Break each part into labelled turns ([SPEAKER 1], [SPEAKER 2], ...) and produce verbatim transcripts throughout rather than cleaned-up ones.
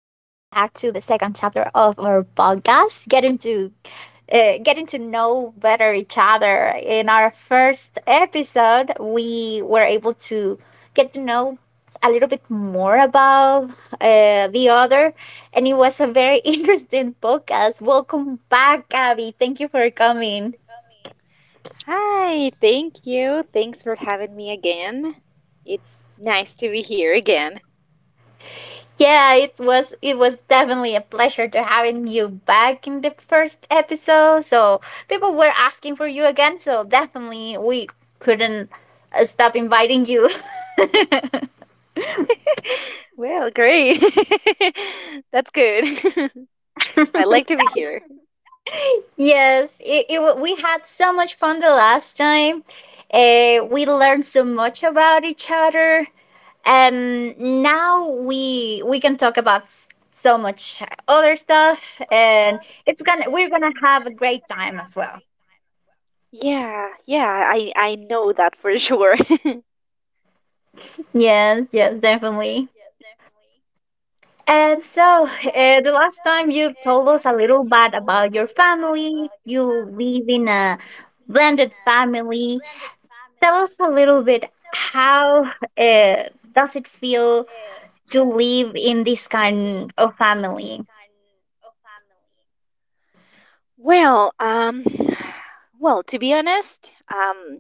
[SPEAKER 1] to the second chapter of our podcast, getting to uh, getting to know better each other. In our first episode, we were able to get to know a little bit more about uh, the other, and it was a very interesting podcast. Welcome back, Abby. Thank you for coming.
[SPEAKER 2] Coming. Hi, thank you. Thanks for having me again. It's nice to be here again.
[SPEAKER 1] Yeah, it was it was definitely a pleasure to having you back in the first episode. So people were asking for you again, so definitely we couldn't uh, stop inviting you.
[SPEAKER 2] Well, great. That's good. I like to be here.
[SPEAKER 1] yes, it, it wa- we had so much fun the last time. Uh, we learned so much about each other, and now we we can talk about s- so much other stuff,
[SPEAKER 2] Other
[SPEAKER 1] and
[SPEAKER 2] stuff,
[SPEAKER 1] it's gonna
[SPEAKER 2] and
[SPEAKER 1] we're gonna
[SPEAKER 2] it's
[SPEAKER 1] have a
[SPEAKER 2] gonna we're
[SPEAKER 1] great
[SPEAKER 2] gonna
[SPEAKER 1] time
[SPEAKER 2] have
[SPEAKER 1] as
[SPEAKER 2] a
[SPEAKER 1] well.
[SPEAKER 2] great time as well. Yeah, yeah, I, I know that for sure.
[SPEAKER 1] Yes, yes, definitely.
[SPEAKER 2] Yes, yes, definitely.
[SPEAKER 1] And so,
[SPEAKER 2] Mhm.
[SPEAKER 1] uh, the
[SPEAKER 2] And
[SPEAKER 1] last
[SPEAKER 2] so,
[SPEAKER 1] time you
[SPEAKER 2] uh,
[SPEAKER 1] told
[SPEAKER 2] the
[SPEAKER 1] us a
[SPEAKER 2] last time
[SPEAKER 1] little
[SPEAKER 2] you
[SPEAKER 1] bit
[SPEAKER 2] told us
[SPEAKER 1] about
[SPEAKER 2] a
[SPEAKER 1] your
[SPEAKER 2] little bit
[SPEAKER 1] family,
[SPEAKER 2] about your
[SPEAKER 1] you
[SPEAKER 2] family.
[SPEAKER 1] live in a
[SPEAKER 2] You live
[SPEAKER 1] blended
[SPEAKER 2] in a
[SPEAKER 1] family.
[SPEAKER 2] blended
[SPEAKER 1] Tell us a
[SPEAKER 2] family.
[SPEAKER 1] little bit
[SPEAKER 2] Tell us a
[SPEAKER 1] how
[SPEAKER 2] little bit,
[SPEAKER 1] uh, does it feel
[SPEAKER 2] uh,
[SPEAKER 1] to live in this
[SPEAKER 2] to
[SPEAKER 1] kind
[SPEAKER 2] live
[SPEAKER 1] of
[SPEAKER 2] in this
[SPEAKER 1] family?
[SPEAKER 2] kind of family. Well, um, well, to be honest, um,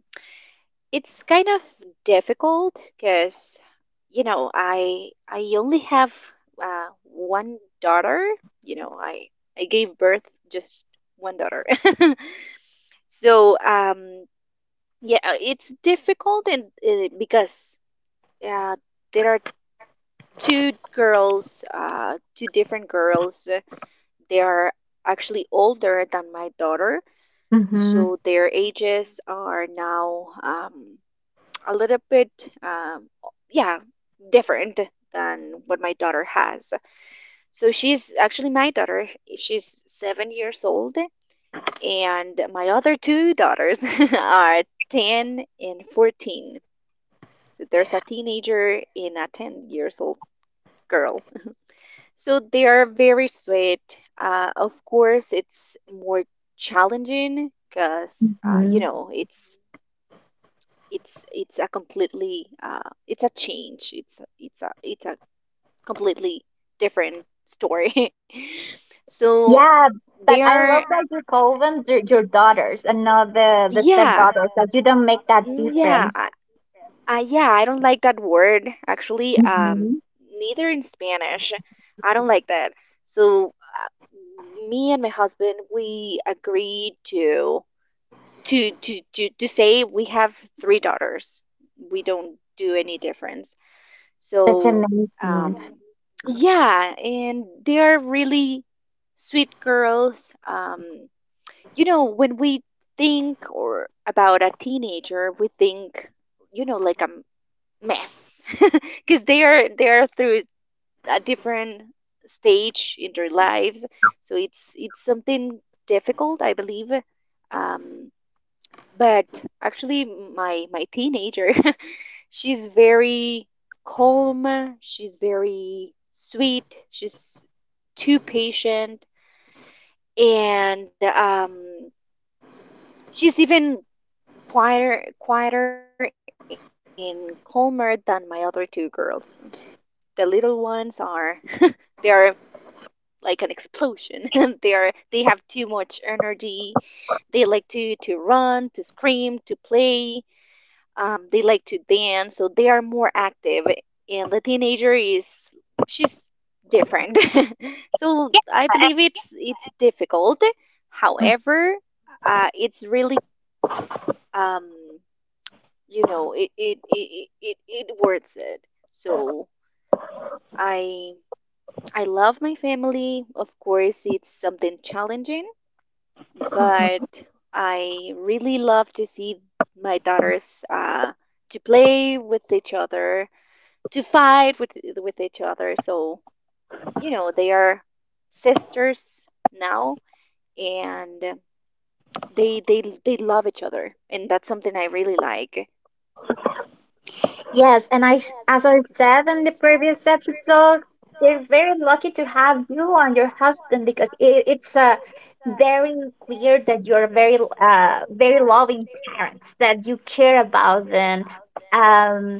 [SPEAKER 2] it's kind of difficult because you know I I only have, uh, one daughter. You know, I I gave birth just one daughter. so um, yeah, uh, it's difficult, and uh, because, Uh, there are two girls, uh, two different girls. They are actually older than my daughter,
[SPEAKER 1] Hmm.
[SPEAKER 2] so their ages are now, um, a little bit, um, yeah, different than what my daughter has. So she's actually my daughter. She's seven years old, and my other two daughters are 10 and fourteen. So there's a teenager and a ten years old girl. So they are very sweet. Uh, of course, it's more challenging because, uh, you
[SPEAKER 1] Hmm.
[SPEAKER 2] know it's it's it's a completely uh, it's a change. It's it's a it's a completely different story. So
[SPEAKER 1] Yeah, but I
[SPEAKER 2] they're,
[SPEAKER 1] love that you call them your, your daughters and not the, the
[SPEAKER 2] yeah.
[SPEAKER 1] stepdaughters, that you don't make that
[SPEAKER 2] Mm, yeah,
[SPEAKER 1] difference.
[SPEAKER 2] I, I yeah, I don't like that word, actually. Um
[SPEAKER 1] Hmm.
[SPEAKER 2] neither in Spanish. I don't like that. So, uh, me and my husband, we agreed to to to to, to say we have three daughters. We don't do any difference.
[SPEAKER 1] That's
[SPEAKER 2] So, um,
[SPEAKER 1] amazing.
[SPEAKER 2] that's amazing. Yeah, and they are really sweet girls. Um, you know, when we think or about a teenager, we think, you know, like a m- mess, because they are they are through a different stage in their lives. So it's it's something difficult, I believe. Um, but actually my my teenager she's very calm, she's very sweet, she's too patient, and um she's even quieter quieter and calmer than my other two girls. The little ones are, they are like an explosion. they are they have too much energy. They like to to run, to scream, to play. Um, they like to dance, so they are more active. And the teenager, is she's different. So I believe it's it's difficult. However, uh, it's really, um, you know it it, it it it worth it. So I I love my family. Of course, it's something challenging, but I really love to see my daughters, uh, to play with each other, to fight with with each other. So you know they are sisters now, and they they they love each other, and that's something I really like.
[SPEAKER 1] Yes, and I, s- as I said in the previous episode, they're very lucky to have you and your husband because it, it's uh, very clear that you're very, uh, very loving parents that you care about them. Um,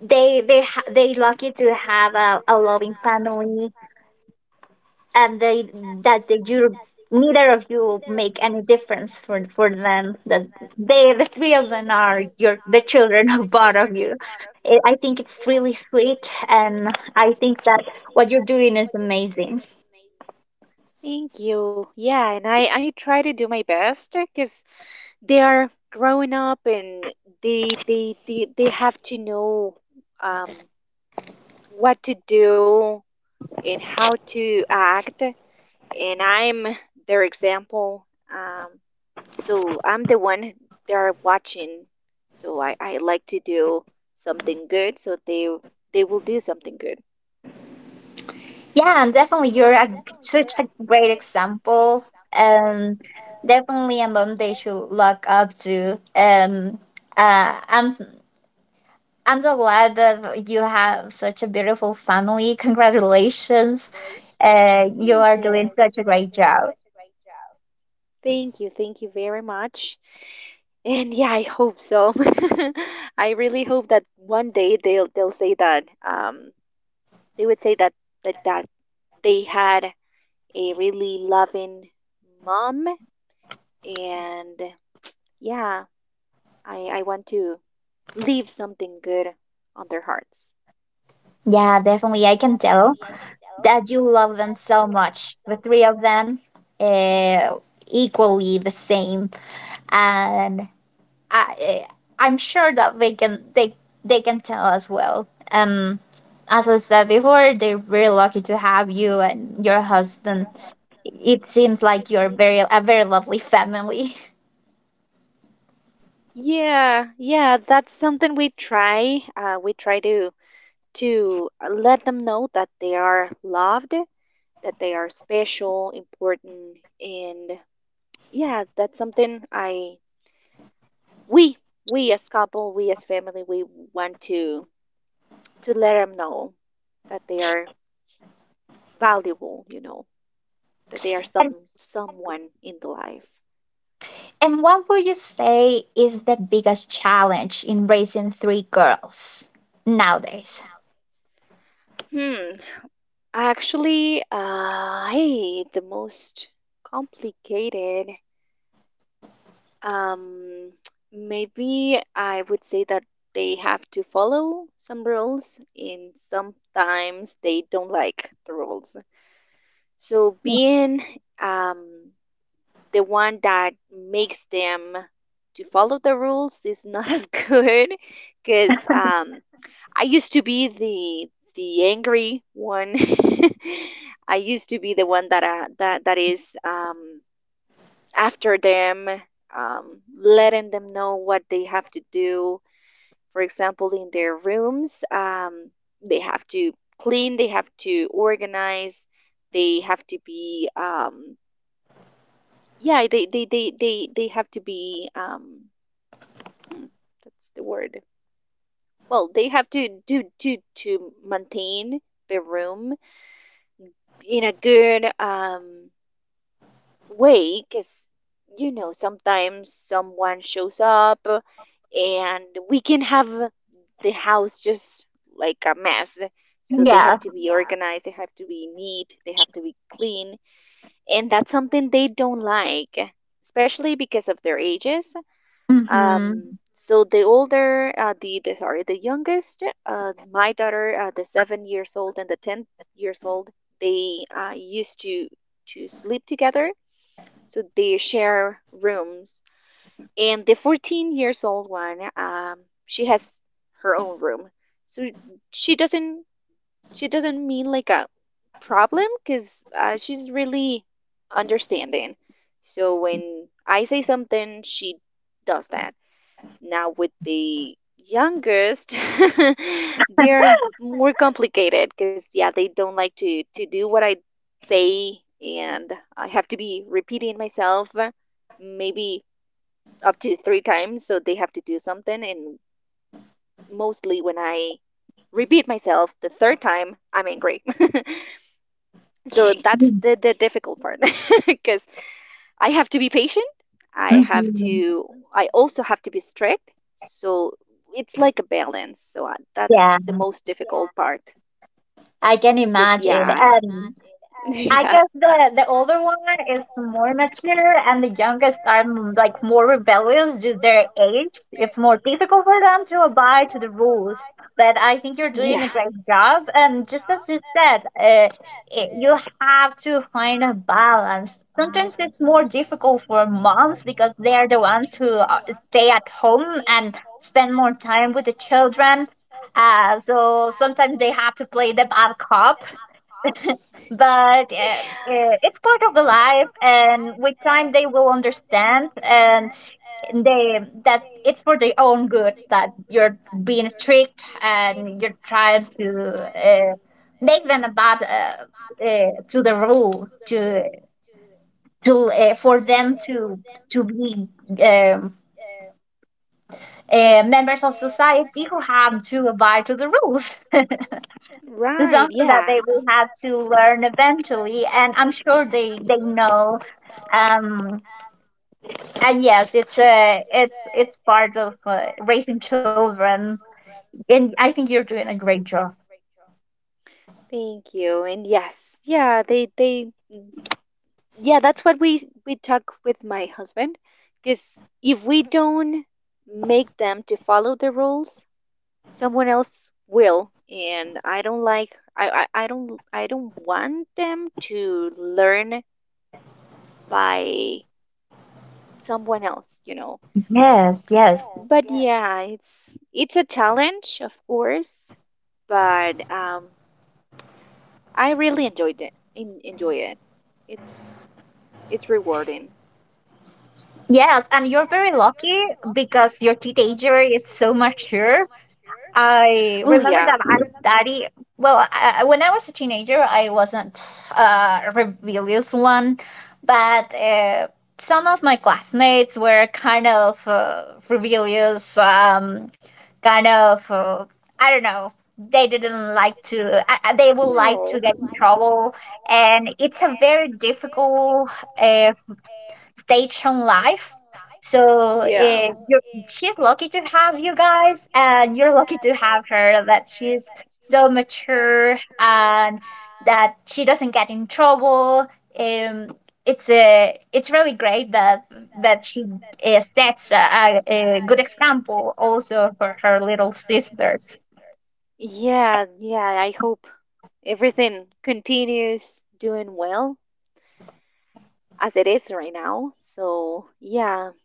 [SPEAKER 1] they they ha- they lucky to have a, a loving family, and they that the, you, neither of you, make any difference for for them, that they the three of them are your the children of both of you. I i think it's really sweet, and I think that what you're doing is amazing.
[SPEAKER 2] Thank you. Yeah, and I I try to do my best because they are growing up, and they they they, they have to know, um, what to do and how to act, and I'm their example. um, So I'm the one they are watching. So I, I like to do something good so they they will do something good.
[SPEAKER 1] Yeah, and definitely you're a, such a great example. um Definitely a mom they should look up to. um uh, I'm I'm so glad that you have such a beautiful family. Congratulations. Uh, you
[SPEAKER 2] Thank
[SPEAKER 1] are
[SPEAKER 2] you.
[SPEAKER 1] doing such a great job.
[SPEAKER 2] Thank you. Thank you very much. And yeah, I hope so. I really hope that one day they'll they'll say that, um they would say that, that, that they had a really loving mom, and yeah, I I want to leave something good on their hearts.
[SPEAKER 1] Yeah, definitely. I can tell that you love them so much. The three of them, uh, equally the same. And I, eh, I'm sure that they can, they, they can tell as well. Um, as I said before, they're very lucky to have you and your husband. It seems like you're very a very lovely family.
[SPEAKER 2] Yeah, yeah, that's something we try. Uh, we try to to let them know that they are loved, that they are special, important, and yeah, that's something I we we as couple, we as family, we want to to let them know that they are valuable. You know that they are
[SPEAKER 1] And,
[SPEAKER 2] some someone in the life.
[SPEAKER 1] and what would you say is the biggest challenge in raising three girls nowadays?
[SPEAKER 2] Hmm. Actually, uh, hey, the most complicated. Um, maybe I would say that they have to follow some rules, and sometimes they don't like the rules. So being um the one that makes them to follow the rules is not as good, because um I used to be the the angry one. I used to be the one that uh, that that is um, after them, um, letting them know what they have to do. For example, in their rooms, um, they have to clean, they have to organize, they have to be, um, yeah, they they they they they have to be, um, hmm, that's the word. Well, they have to do to to maintain the room in a good, um, way, because you know sometimes someone shows up and we can have the house just like a mess. So they have
[SPEAKER 1] Yes.
[SPEAKER 2] to be organized, they have to be neat, they have to be clean, and that's something they don't like, especially because of their ages.
[SPEAKER 1] Mm-hmm.
[SPEAKER 2] Um, so the older, uh, the, the sorry, the youngest, uh, my daughter, uh, the seven years old and the ten years old, they uh, used to to sleep together. So they share rooms, and the fourteen years old one, um, she has her own room. So she doesn't she doesn't mean like a problem, because uh, she's really understanding. So when I say something, she does that. Now with the youngest, they're more complicated because, yeah, they don't like to to do what I say, and I have to be repeating myself, uh, maybe up to three times. So they have to do something, and mostly when I repeat myself the third time, I'm angry. So that's the the difficult part, because I have to be patient. I have
[SPEAKER 1] Mm-hmm.
[SPEAKER 2] to. I also have to be strict. So it's like a balance. So, I,
[SPEAKER 1] Yeah,
[SPEAKER 2] that's the most difficult, yeah, part.
[SPEAKER 1] I can
[SPEAKER 2] Because I,
[SPEAKER 1] imagine.
[SPEAKER 2] yeah.
[SPEAKER 1] And I guess the the older one is more mature, and the youngest are m- like more rebellious due to their age. It's more difficult for them to abide to the rules. But I think you're
[SPEAKER 2] And yeah,
[SPEAKER 1] doing a great
[SPEAKER 2] yeah,
[SPEAKER 1] job. And just as you said, uh, I you have to find a balance. Sometimes it's more difficult for moms because they are the ones who uh, stay at home and spend more time with the children. Uh, so sometimes they have to play the bad cop, but um, uh, it's part of the life, and with time they will understand, and they that it's for their own good that you're being strict and you're trying to uh, make them about uh, uh, to the rules, to to uh, for them to to be um, uh, members of society who have to abide to the rules.
[SPEAKER 2] uh,
[SPEAKER 1] It's
[SPEAKER 2] right,
[SPEAKER 1] something that
[SPEAKER 2] yeah.
[SPEAKER 1] they will have to learn eventually, and I'm sure they they know. Um, and yes, it's a it's it's part of uh, raising children, and I think you're doing a great job.
[SPEAKER 2] Thank you. And yes, yeah, they they yeah, that's what we we talk with my husband. Because if we don't make them to follow the rules, someone else will, and I don't like. I, I, I don't, I don't want them to learn by someone else, you know.
[SPEAKER 1] Yes, yes,
[SPEAKER 2] But yeah, it's it's a challenge, of course, but um, I really enjoyed it. En- enjoy it. It's it's rewarding.
[SPEAKER 1] yes, and you're very lucky because your teenager is so mature. I
[SPEAKER 2] Oh,
[SPEAKER 1] remember
[SPEAKER 2] yeah.
[SPEAKER 1] that I study. Well, I, I- when I was a teenager, I wasn't uh, a rebellious one, but uh, some of my classmates were kind of uh, rebellious. Um, kind of, uh, I don't know. They didn't like to. I, I- they would like to get in trouble, and it's a very difficult uh, stage on life. So eh, you're, she's lucky to have you guys, and you're lucky to have her. That she's so mature and that she doesn't get in trouble. Um, it's a, it's really great that that she uh, sets a, a, a good example also for her little sisters.
[SPEAKER 2] you Yeah, yeah, I hope everything continues doing well as it is right now. So, yeah,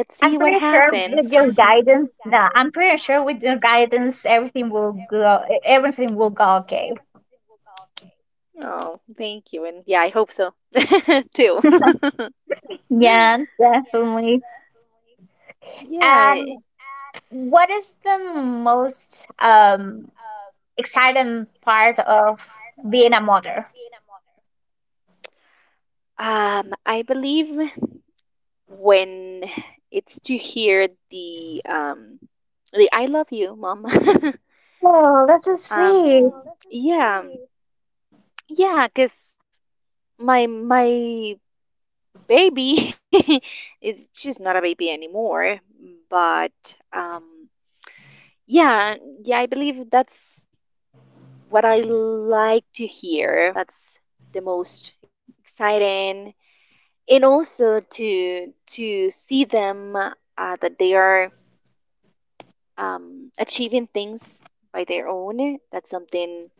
[SPEAKER 2] let's
[SPEAKER 1] I'm
[SPEAKER 2] see
[SPEAKER 1] pretty
[SPEAKER 2] what I'm
[SPEAKER 1] sure with your
[SPEAKER 2] happens.
[SPEAKER 1] guidance, nah, I'm pretty sure with your guidance, everything will go, everything will go okay.
[SPEAKER 2] Everything will. Oh, thank you. And yeah, I hope so too.
[SPEAKER 1] Yeah, definitely.
[SPEAKER 2] Yeah.
[SPEAKER 1] And what is the most um exciting part of being a mother?
[SPEAKER 2] um, I believe, when it's to hear the, um the "I love you, mom." um Oh,
[SPEAKER 1] Oh, that's so
[SPEAKER 2] that's
[SPEAKER 1] sweet.
[SPEAKER 2] so, yeah, sweet. Yeah, cuz my my baby is she's not a baby anymore, but um yeah, yeah, I believe that's what I like to hear. That's the most exciting, and also to to see them, uh, that they are, um, achieving things by their own. That's something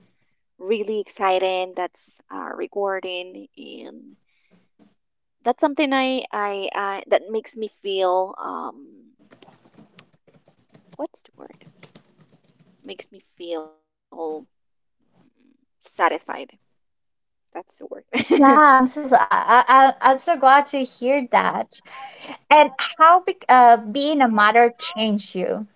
[SPEAKER 2] really exciting. That's, uh, rewarding, and that's something I, I I that makes me feel, um what's the word? Makes me feel, mm, satisfied. That's the word.
[SPEAKER 1] Yeah, I'm so I, I I- I'm so glad to hear that. And how be, uh, being a mother changed you?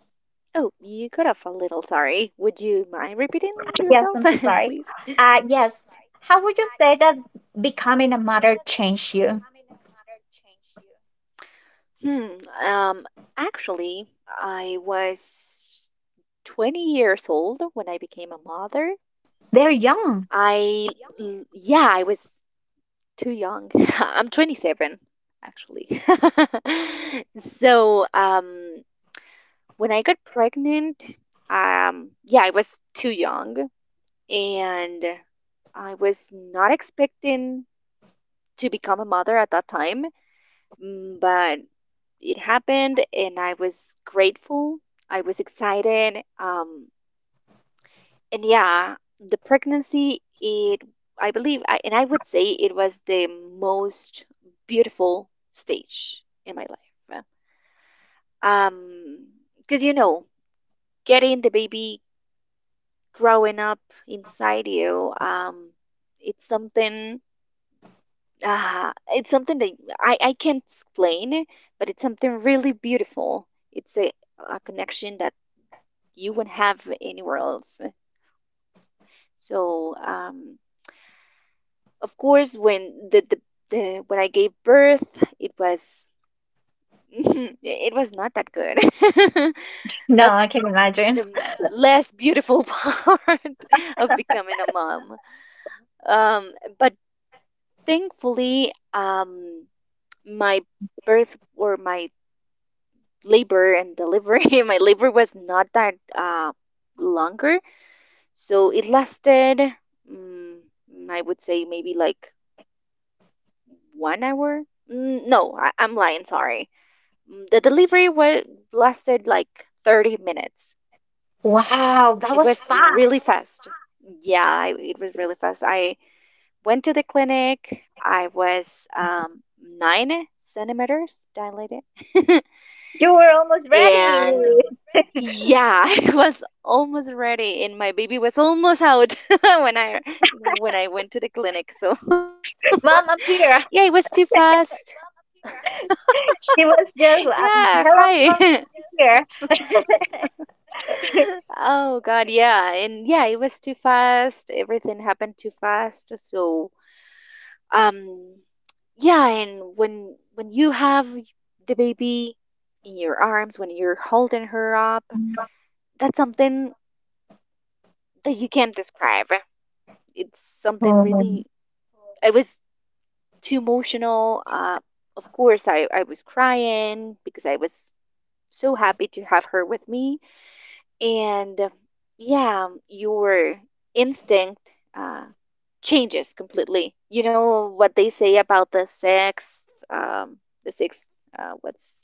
[SPEAKER 2] Oh, you cut off a little. Sorry. Would you mind repeating yourself,
[SPEAKER 1] Yes, I'm so
[SPEAKER 2] please?
[SPEAKER 1] sorry. Uh, yes. How would you say that becoming a mother changed you?
[SPEAKER 2] Hmm. Um. Actually, I was twenty years old when I became a mother.
[SPEAKER 1] They're young.
[SPEAKER 2] I l- yeah, I was too young. I'm twenty-seven, actually. So, um when I got pregnant, um yeah, I was too young, and I was not expecting to become a at that time, mm, but it happened, and I was grateful. I was excited. Um and yeah, the pregnancy, it I believe, I and I would say it was the most beautiful stage in my life. Um because, you know, getting the baby growing up inside you, um it's something, uh, it's something that I, I can't explain, but it's something really beautiful. It's a, a connection that you won't have anywhere else. So, um, of course, when the, the, the when I gave birth, it was, it was not that good.
[SPEAKER 1] No, I
[SPEAKER 2] That's
[SPEAKER 1] can imagine.
[SPEAKER 2] the less beautiful part of becoming a mom. Um, but thankfully, um, my birth, or my labor and delivery, my labor was not that, uh, longer. So it lasted, mm I would say, maybe like one hour? Mm, no, I- I'm lying, sorry. Mm, the delivery was lasted like thirty minutes.
[SPEAKER 1] Wow,
[SPEAKER 2] It
[SPEAKER 1] that
[SPEAKER 2] was
[SPEAKER 1] was
[SPEAKER 2] really
[SPEAKER 1] fast.
[SPEAKER 2] fast. Yeah, I, it was really fast. I went to the clinic. I was, um, nine centimeters dilated.
[SPEAKER 1] You were almost ready.
[SPEAKER 2] And yeah, I was almost ready, and my baby was almost out when I when I went to the clinic. So
[SPEAKER 1] Mom, I'm
[SPEAKER 2] yeah, it was
[SPEAKER 1] here.
[SPEAKER 2] too fast.
[SPEAKER 1] She was just,
[SPEAKER 2] Yeah,
[SPEAKER 1] um, hello,
[SPEAKER 2] hi.
[SPEAKER 1] mom, I'm here.
[SPEAKER 2] Oh God, yeah. And yeah, it was too fast. Everything happened too fast. So, um yeah, and when when you have the baby in your arms, when you're holding her up, that's something that you can't describe. It's something
[SPEAKER 1] Oh,
[SPEAKER 2] really. I was too emotional. Uh of course I I was crying because I was so happy to have her with me, and, uh, yeah, your instinct, uh, changes completely. You know what they say about the sixth, um, the sixth, uh, what's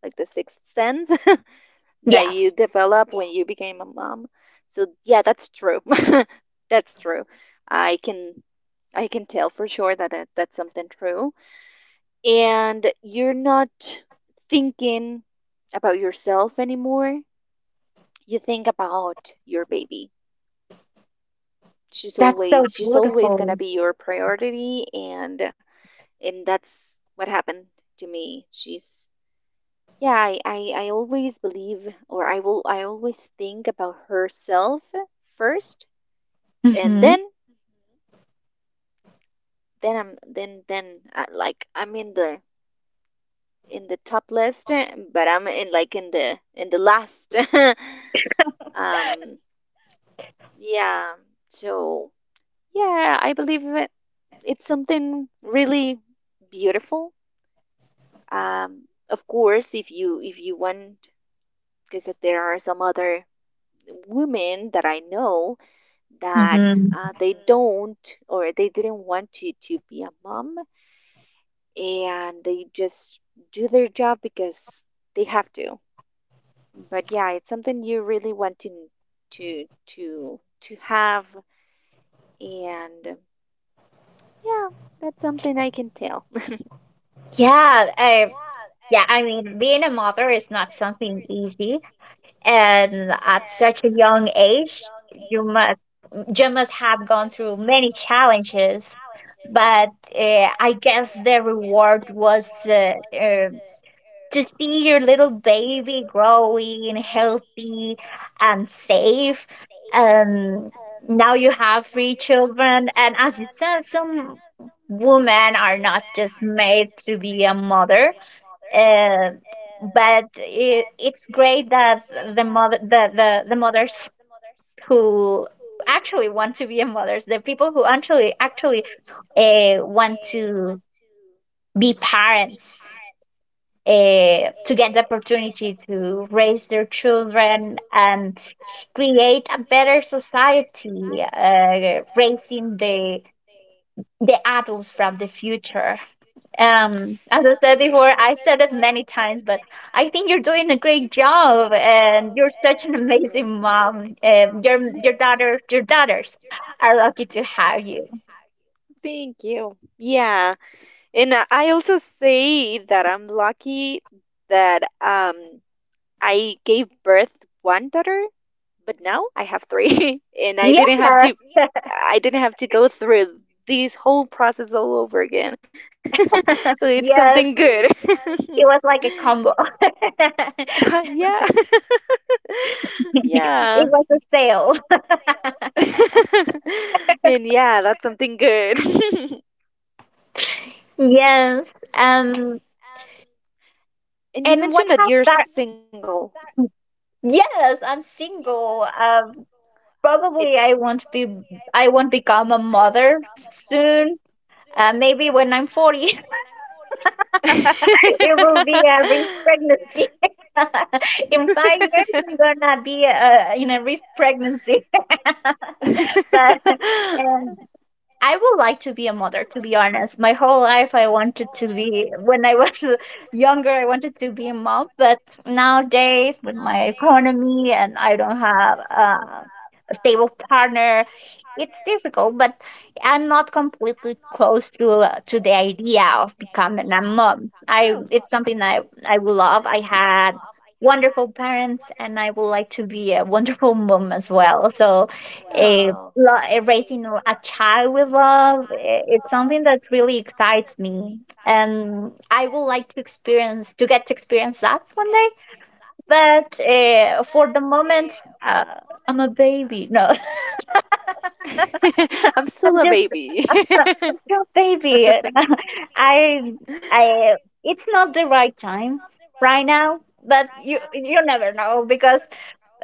[SPEAKER 2] like the sixth sense that you
[SPEAKER 1] yes,
[SPEAKER 2] develop when you became a mom. So yeah, that's true. That's true. I can I can tell for sure that it, that's something true. And you're not thinking about yourself anymore. You think about your baby. she's
[SPEAKER 1] that's so
[SPEAKER 2] always she's always
[SPEAKER 1] beautiful.
[SPEAKER 2] gonna be your priority, and and that's what happened to me. She's yeah I, I i always believe, or i will i always think about herself first, and
[SPEAKER 1] Mm-hmm.
[SPEAKER 2] then then I'm then then uh, like I'm in the in the top list, uh, but I'm in like in the in the last. Um yeah, so yeah, i believe it- it's something really beautiful. Um, of course, if you if you want, because there are some other women that I know that
[SPEAKER 1] Mm-hmm.
[SPEAKER 2] uh, they don't, or they didn't want to to be a mom, and they just do their job because they have to. But yeah, it's something you really want to to to to have, and yeah, that's something I can tell.
[SPEAKER 1] Yeah, I, yeah, I mean, being a mother is not something easy. And at such a young age, you must, you must have gone through many challenges. But uh, I guess the reward was uh, uh, to see your little baby growing healthy and safe, and now you have three children. And as you said, some women are not just made to be a mother, uh, but it, it's great that the mother the, the, the mothers who actually want to be a mothers, the people who actually actually uh, want to be parents, uh, to get the opportunity to raise their children and create a better society, uh, raising the the adults from the future. Um, as I said
[SPEAKER 2] Yeah.
[SPEAKER 1] before, I said it many times, but I think you're doing a great job, and you're such an
[SPEAKER 2] Hmm.
[SPEAKER 1] amazing mom. Um, your your daughter, your daughters are lucky to have you.
[SPEAKER 2] Thank you. Yeah, and I I also say that I'm lucky that um I gave birth one daughter, but now I have three, and I
[SPEAKER 1] Yes,
[SPEAKER 2] didn't have to. Yeah. I didn't have to go through this whole process all over again. So it's something
[SPEAKER 1] yes,
[SPEAKER 2] good.
[SPEAKER 1] it was like a combo.
[SPEAKER 2] Uh, yeah.
[SPEAKER 1] It
[SPEAKER 2] Yeah.
[SPEAKER 1] was a sale.
[SPEAKER 2] And yeah, that's something good.
[SPEAKER 1] Yes. Um,
[SPEAKER 2] And you
[SPEAKER 1] and what
[SPEAKER 2] mentioned that
[SPEAKER 1] has
[SPEAKER 2] you're
[SPEAKER 1] that?
[SPEAKER 2] single.
[SPEAKER 1] Yes, I'm single. Um,
[SPEAKER 2] um, It
[SPEAKER 1] probably I won't be. I won't become a mother soon. Uh, maybe when I'm forty, it will be a risk pregnancy. In five years, I'm gonna be uh, in a risk pregnancy. but um, I would like to be a mother, to be honest. My whole life, I wanted to be. When I was younger, I wanted to be a mom. But nowadays, with my economy and I don't have uh, a stable partner, it's difficult. But I'm not completely close to uh, to the idea of becoming a mom. I It's something I, I will love. I had wonderful parents, and I would like to be a wonderful mom as well. So, eh, lo- eh, raising r- a child with love i- it's something that really excites me, and I would like to experience to get to experience that one day. But uh, for the moment, uh, I'm a baby, no.
[SPEAKER 2] I'm
[SPEAKER 1] i'm
[SPEAKER 2] still
[SPEAKER 1] just
[SPEAKER 2] a baby.
[SPEAKER 1] i'm still a baby. I I
[SPEAKER 2] I
[SPEAKER 1] it's not the right time right now, but you you never know, because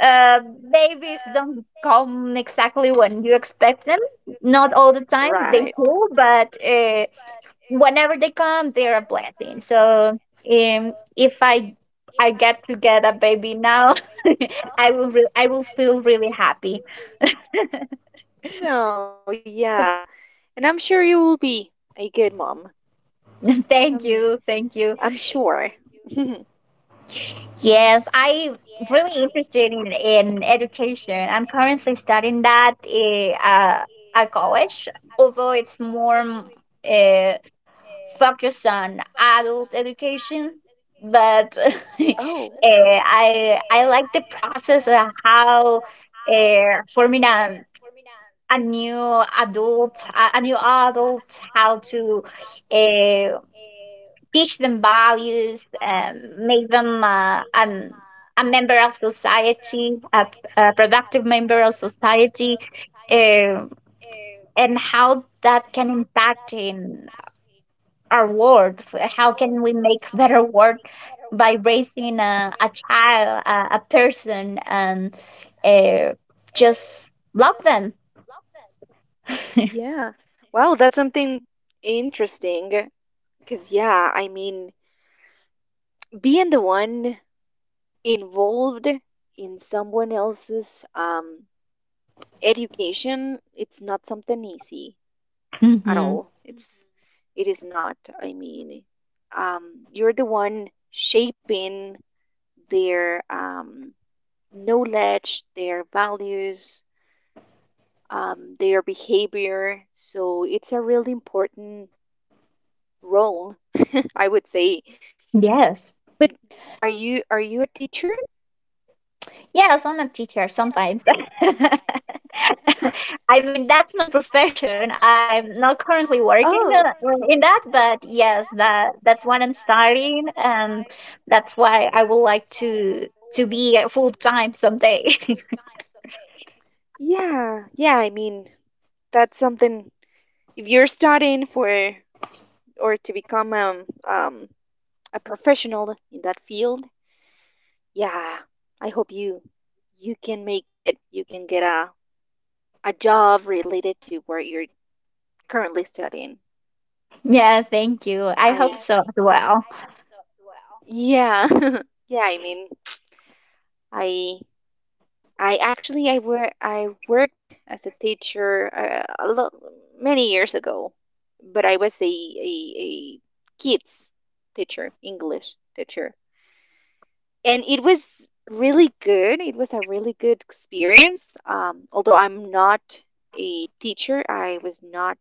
[SPEAKER 1] uh, babies don't come exactly when you expect them. Not all the time
[SPEAKER 2] not.
[SPEAKER 1] they
[SPEAKER 2] Right.
[SPEAKER 1] do,
[SPEAKER 2] All the
[SPEAKER 1] but
[SPEAKER 2] time they
[SPEAKER 1] uh, whenever they come, they're a blessing. So um, if I I get to get a baby now, I will re- I will feel really happy.
[SPEAKER 2] do, but uh, no, yeah. And I'm sure you will be a good mom.
[SPEAKER 1] Thank
[SPEAKER 2] Um,
[SPEAKER 1] you, thank you.
[SPEAKER 2] Thank I'm you, sure. Thank you.
[SPEAKER 1] Yes, I really interested in, in education. I'm currently studying that eh, uh, at college, although it's more. Uh, Focus on adult education, but eh,
[SPEAKER 2] But oh,
[SPEAKER 1] i i like the process of how uh, forming a, a new adult a, a new adult, how to uh, teach them values, um, make them uh, an a member of society, a, a productive member of society, um and how that can impact in our world. F- How can we make better world by raising a, a child, a, a person, and uh, just love them?
[SPEAKER 2] yeah. Wow, that's something interesting. Because, yeah, I mean, being the one involved in someone else's um, education, it's not something easy. At
[SPEAKER 1] Hmm.
[SPEAKER 2] all. It's it is not. I mean, um, you're the one shaping their um, knowledge, their values, um, their behavior. So it's a really important role, I would say.
[SPEAKER 1] Yes.
[SPEAKER 2] But are you are you a teacher?
[SPEAKER 1] Yes, I'm a teacher sometimes. I mean, that's my profession.
[SPEAKER 2] I.
[SPEAKER 1] I'm not currently working uh,
[SPEAKER 2] Oh.
[SPEAKER 1] in that, but yes, that that's what I'm studying, and that's why I would like to to be full time someday.
[SPEAKER 2] And yeah, yeah. I mean, that's something. If you're studying for or to become um, um, a professional in that field, yeah, I hope you you can make it. You can get a a job related to where you're currently studying.
[SPEAKER 1] Yeah, thank you. I
[SPEAKER 2] I.
[SPEAKER 1] hope so as well.
[SPEAKER 2] Yeah, thank you. I hope so as well. Yeah. Yeah, I mean, I I actually I were I worked as a teacher uh, a lot many years ago, but I was a, a a kids teacher, English teacher. And it was really good. It was a really good experience. Um, although I'm not a teacher, I was not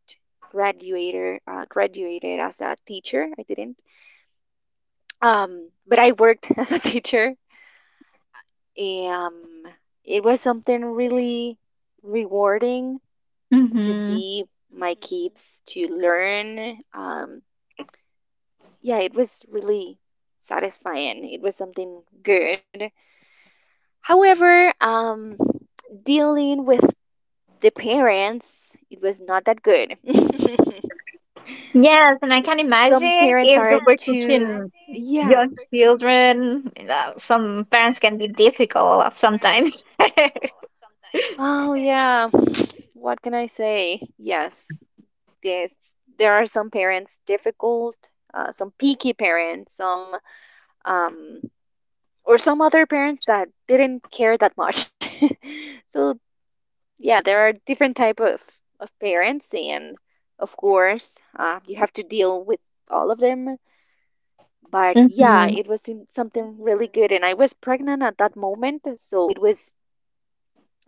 [SPEAKER 2] graduated uh, graduated as a teacher. I didn't. Um, but I worked as a teacher. And, um, it was something really rewarding to
[SPEAKER 1] Hmm.
[SPEAKER 2] see my kids to learn. Um, yeah, it was really satisfying. It was something good. However, um, dealing with the parents it was not that good. The-
[SPEAKER 1] Yes, and I can
[SPEAKER 2] some
[SPEAKER 1] imagine
[SPEAKER 2] parents
[SPEAKER 1] if
[SPEAKER 2] are
[SPEAKER 1] you were
[SPEAKER 2] too
[SPEAKER 1] teaching
[SPEAKER 2] yeah.
[SPEAKER 1] young children, uh, some parents can be difficult sometimes.
[SPEAKER 2] Oh, yeah, what can I say? Yes, yes, there are some parents difficult, uh, some picky parents, some um or some other parents that didn't care that much. So yeah, there are different type of, of parents, and of course, uh, you have to deal with all of them. But yeah,
[SPEAKER 1] Hmm.
[SPEAKER 2] it was something really good, and I was pregnant at that moment, so it was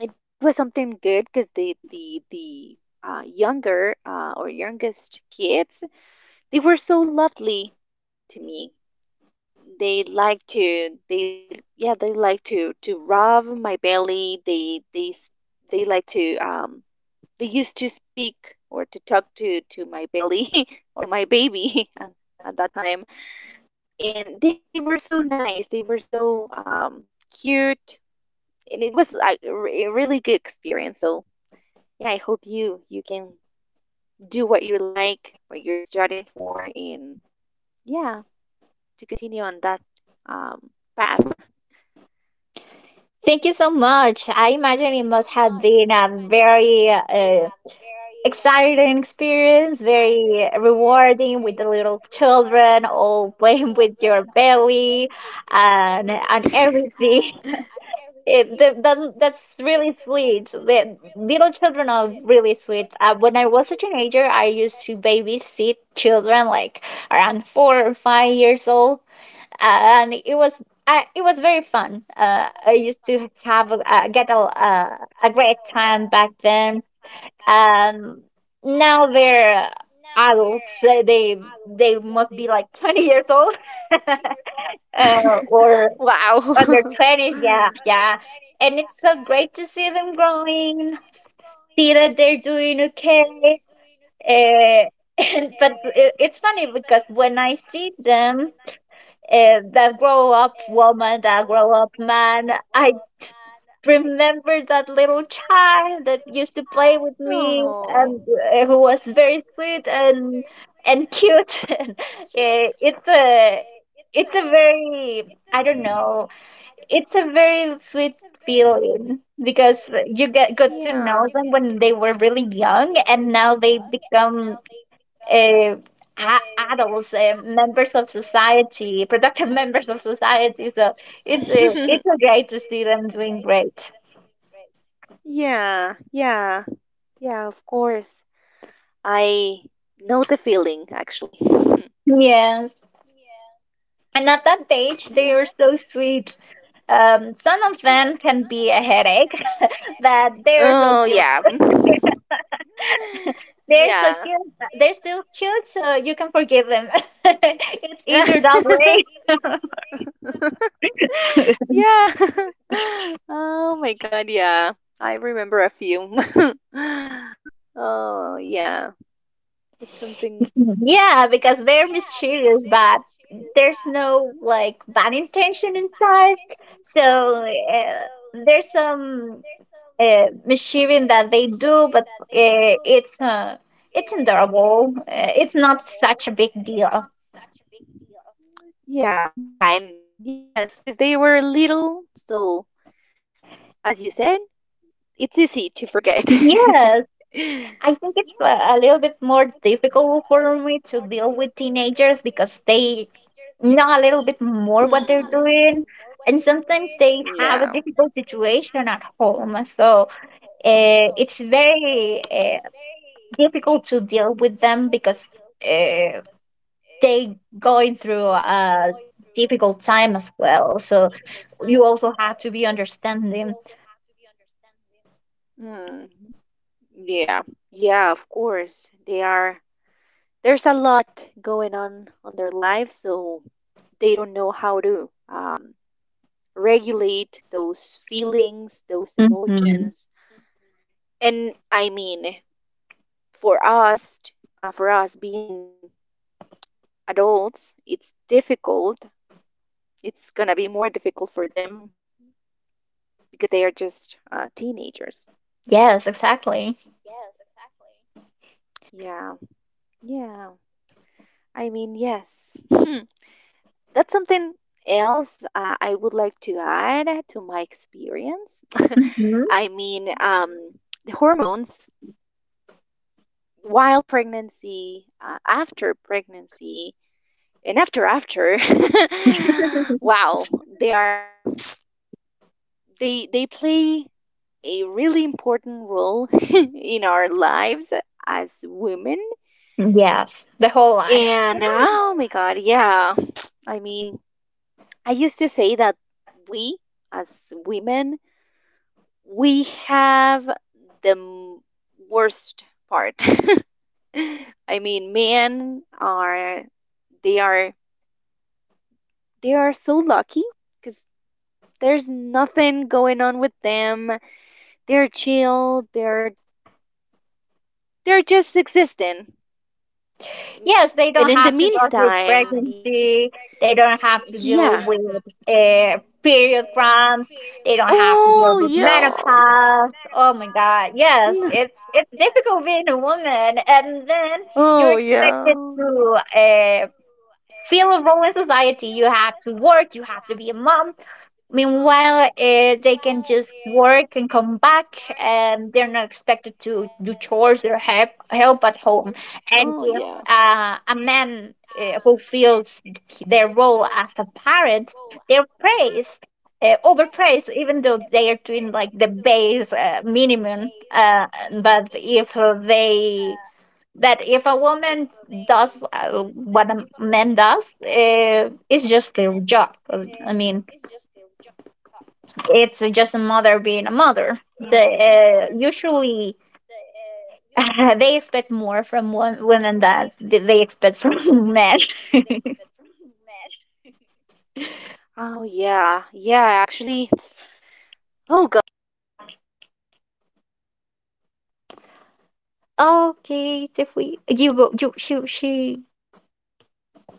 [SPEAKER 2] it was something good because the the the uh, younger uh, or youngest kids, they were so lovely to me. They like to they yeah they like to to rub my belly. They they they like to um they used to speak or to talk to to my belly or to my baby at, at that time, and they they were so nice, they were so um cute, and it was a, a really good experience. So yeah, I hope you you can do what you like, what you're studying for, and yeah, to continue on that um path.
[SPEAKER 1] Thank you so much. I imagine it must have been a very uh, exciting experience, very rewarding with the little children all playing with your belly and and everything. It, that, that- that's really sweet. The little children are really sweet. Uh, when I was a teenager, I used to babysit children like around four or five years old, and it was I, it was very fun. Uh, I used to have a, uh, get a uh, a great time back then, and now they're adults, so They they must be like twenty years old, uh, or
[SPEAKER 2] Under.
[SPEAKER 1] under twenties, yeah, yeah. And it's so great to see them growing, see that they're doing okay. Uh, and, but it, it's funny because when I see them uh, that grow up woman, that grow up man, I remember that little child that used to play with me and uh, who was very sweet and and cute. and, uh, it's a it's a very I don't know it's a very sweet feeling because you get got to know them when they were really young, and now they become uh, a- adults, uh, members of society, productive members of society. So it's uh, it's uh, great to see them doing great.
[SPEAKER 2] Yeah, yeah, yeah, of course. I know the feeling actually.
[SPEAKER 1] Yes, and at that age
[SPEAKER 2] And yeah.
[SPEAKER 1] they
[SPEAKER 2] At
[SPEAKER 1] are
[SPEAKER 2] that
[SPEAKER 1] so
[SPEAKER 2] age, they
[SPEAKER 1] sweet.
[SPEAKER 2] are so sweet.
[SPEAKER 1] Um, some of them
[SPEAKER 2] Um,
[SPEAKER 1] can
[SPEAKER 2] some
[SPEAKER 1] be
[SPEAKER 2] of
[SPEAKER 1] a
[SPEAKER 2] them
[SPEAKER 1] headache.
[SPEAKER 2] can be
[SPEAKER 1] But
[SPEAKER 2] a headache.
[SPEAKER 1] they're so
[SPEAKER 2] Oh, but
[SPEAKER 1] cute.
[SPEAKER 2] yeah, they are
[SPEAKER 1] They're so cute. They're still cute, so you can forgive them. It's
[SPEAKER 2] so
[SPEAKER 1] easier that
[SPEAKER 2] sweet. Yeah.
[SPEAKER 1] way.
[SPEAKER 2] Yeah. Oh my God, yeah. I remember a few. Oh, yeah. It's something.
[SPEAKER 1] Yeah, because they're mischievous, but there's no like bad intention inside. So uh, there's some uh, mischievous that they do, but uh, it's uh, it's endurable. Uh, it's not such a big deal.
[SPEAKER 2] Yeah, yeah, and yes, because they were little, so as you said, it's easy to forget. Hmm.
[SPEAKER 1] Yes, I think it's a, a little bit more difficult for me to deal with teenagers because they know a little bit more
[SPEAKER 2] Know.
[SPEAKER 1] what they're
[SPEAKER 2] Hmm.
[SPEAKER 1] doing. And sometimes they have a
[SPEAKER 2] Yeah.
[SPEAKER 1] difficult situation at home. So uh, it's very uh, difficult to deal with them because uh, they going through a difficult time as well. So you also have to be understanding.
[SPEAKER 2] Home, so mm, yeah, yeah, of course. They are, there's a lot going on on their lives, so they don't know how to um, regulate those feelings, those
[SPEAKER 1] Hmm.
[SPEAKER 2] emotions. And I mean, for us, t- uh, for us being adults, it's difficult. It's gonna be more difficult for them because they are just uh, teenagers.
[SPEAKER 1] Yes, exactly.
[SPEAKER 2] Yeah, yeah. I mean, yes. That's something else, uh, I would like to add to my experience.
[SPEAKER 1] Hmm.
[SPEAKER 2] I mean, um, the hormones while pregnancy, uh, after pregnancy, and after after. Wow, they are they they play a really important role in our lives as women.
[SPEAKER 1] Yes, the whole life.
[SPEAKER 2] And oh my god, yeah. I mean, I used to say that we as women we have the m- worst part. I mean, men are they are they are so lucky cuz there's nothing going on with them. They're chill, they're they're just existing.
[SPEAKER 1] Yes, they
[SPEAKER 2] And
[SPEAKER 1] don't
[SPEAKER 2] in the
[SPEAKER 1] have to go through
[SPEAKER 2] meantime, y-
[SPEAKER 1] pregnancy. They don't have to deal
[SPEAKER 2] yeah.
[SPEAKER 1] with uh, period cramps. They don't have to deal
[SPEAKER 2] Oh,
[SPEAKER 1] with
[SPEAKER 2] yeah.
[SPEAKER 1] menopause. Oh my God! Yes,
[SPEAKER 2] N-
[SPEAKER 1] it's it's difficult being a woman, and then you're
[SPEAKER 2] Oh, yeah.
[SPEAKER 1] expected to uh, feel a role in society. You have to work. You have to be a mom. Meanwhile, uh, they can just work and come back, and they're not expected to do chores or help help at home.
[SPEAKER 2] Oh,
[SPEAKER 1] And
[SPEAKER 2] yeah.
[SPEAKER 1] if uh, a man uh, fulfills their role as a parent, they're praised, uh, overpraised, even though they are doing like the base uh, minimum. Uh, but if uh, they but if a woman does uh, what a man does, uh, it's just their job. I mean, it's just a mother being a mother.
[SPEAKER 2] I
[SPEAKER 1] The, uh,
[SPEAKER 2] see.
[SPEAKER 1] usually, they expect more from wo- women than th- they expect from men.
[SPEAKER 2] Oh, yeah. Yeah, actually, oh God, the, I, I always say thank you, Eva, because we
[SPEAKER 1] Okay,
[SPEAKER 2] have
[SPEAKER 1] if
[SPEAKER 2] the
[SPEAKER 1] we
[SPEAKER 2] the
[SPEAKER 1] you go-
[SPEAKER 2] most
[SPEAKER 1] you
[SPEAKER 2] difficult
[SPEAKER 1] she
[SPEAKER 2] part.
[SPEAKER 1] she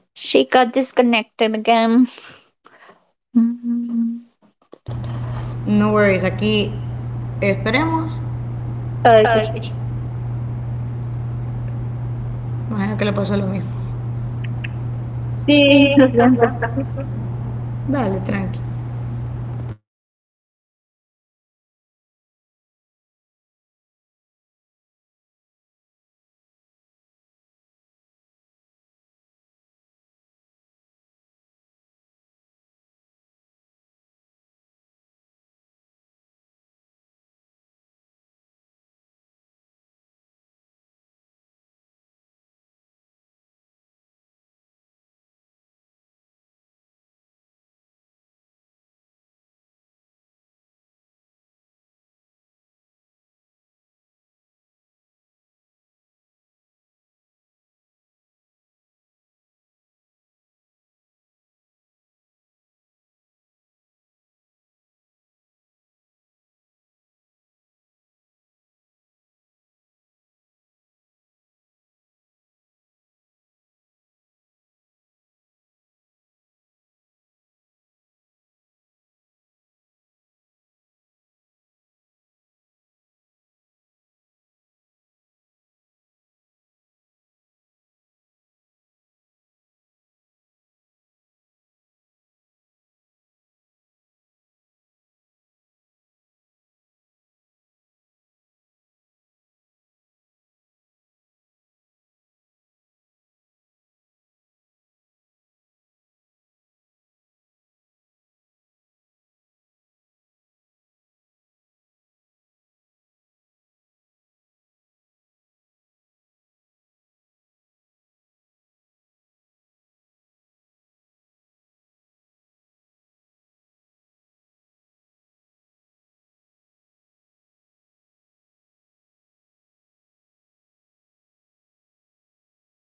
[SPEAKER 2] Yeah,
[SPEAKER 1] she got
[SPEAKER 2] it's
[SPEAKER 1] disconnected again.
[SPEAKER 2] it's something we have to deal with.
[SPEAKER 1] Mm.
[SPEAKER 2] However, it's not
[SPEAKER 3] No worries,
[SPEAKER 2] easy.
[SPEAKER 3] aquí
[SPEAKER 2] It's it.
[SPEAKER 3] esperemos.
[SPEAKER 2] I believe that we're not
[SPEAKER 1] Okay.
[SPEAKER 3] Ok.
[SPEAKER 2] fully um
[SPEAKER 3] Imagino que le pasó lo mismo.
[SPEAKER 2] um
[SPEAKER 1] Sí, lo
[SPEAKER 3] Sí, lo
[SPEAKER 1] siento.
[SPEAKER 3] siento.
[SPEAKER 2] oh yeah, yeah, we're
[SPEAKER 3] Dale, tranqui.
[SPEAKER 2] not. Hmm. I'm looking for the word that I that I want to say. Um, So I'm no God. Let me get my ideas in order. Let's see. Mm-mm-mm. I'm sorry. I, I forgot the word and I I can't think of any other word at this moment. But I I I sometimes I sometimes believe that we're we as women we do much more than men, and sometimes uh it's something really um exhausting. But here we are. Hello? Hello, hello. Are you there? Hello? Anna, are you there? Oh, hello. I can hear you. Are you there?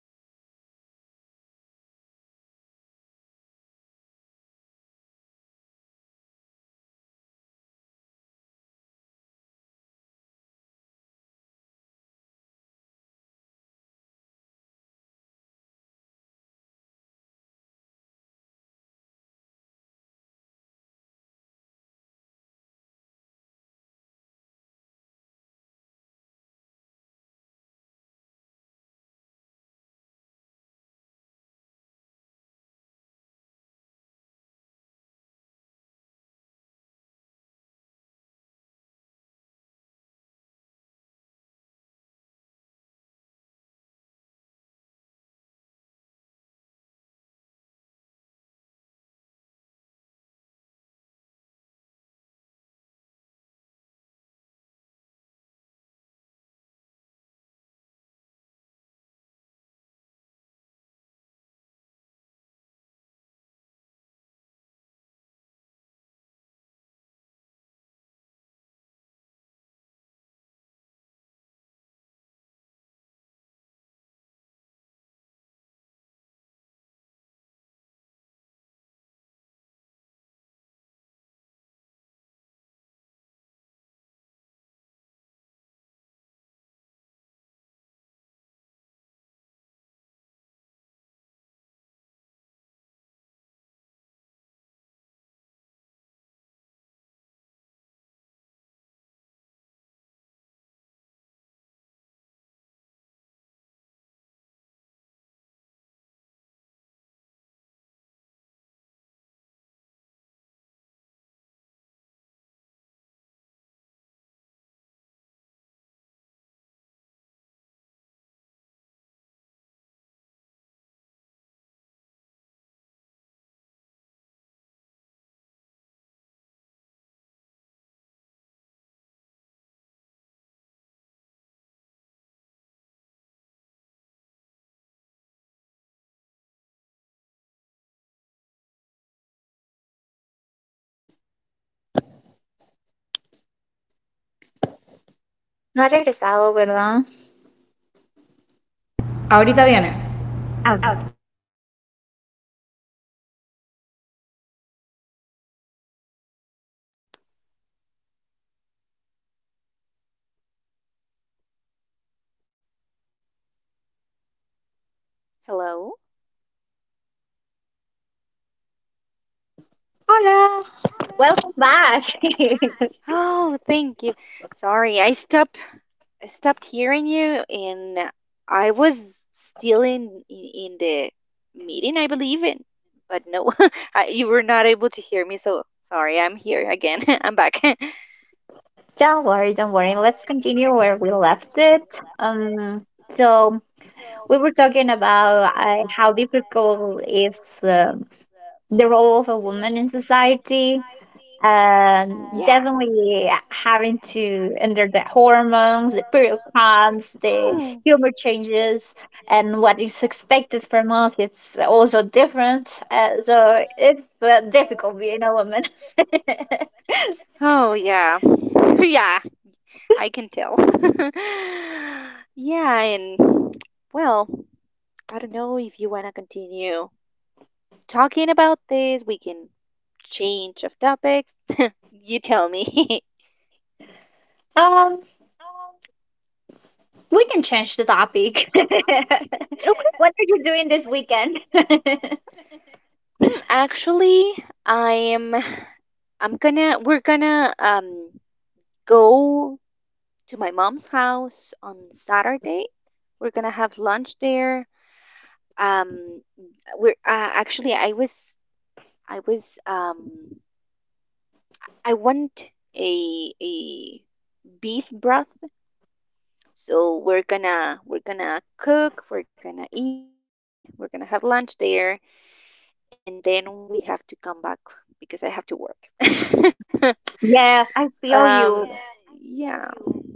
[SPEAKER 2] Hello? Anna, I'm still here. Can you hear me? Hello? Hello? Are you there?
[SPEAKER 1] No ha regresado, ¿verdad?
[SPEAKER 3] Ahorita viene.
[SPEAKER 1] Ah.
[SPEAKER 3] Ah.
[SPEAKER 2] Hello. Hello?
[SPEAKER 1] Hola. Welcome back.
[SPEAKER 2] Oh, thank you. Sorry, I stopped I stopped hearing you, and I was still in in, the meeting, I believe, and but no, I, you were not able to hear me, so sorry, I'm here again. I'm back.
[SPEAKER 1] Don't worry, don't worry. Let's continue where we left it. Um, so we were talking about uh, how difficult is um the role of a woman in society, and
[SPEAKER 2] Yeah.
[SPEAKER 1] definitely having to under the hormones, the period cramps, the humor changes, and what is expected from us. It's also different, uh, so it's uh, difficult being a woman.
[SPEAKER 2] Oh, yeah. Yeah, I can tell. And well, I don't know if you want to continue talking about this. We can change of topics. You tell me.
[SPEAKER 1] um we can change the topic.
[SPEAKER 2] Okay.
[SPEAKER 1] What are you doing this weekend?
[SPEAKER 2] Hmm, actually, I'm I'm gonna we're gonna um go to my mom's house on Saturday. We're gonna have lunch there. Um, we're uh, actually I was I was um I want a a beef broth. So we're gonna we're gonna cook, we're gonna eat, we're gonna have lunch there, and then we have to come back because I have to work.
[SPEAKER 1] Yes, I feel
[SPEAKER 2] Um,
[SPEAKER 1] you.
[SPEAKER 2] yeah,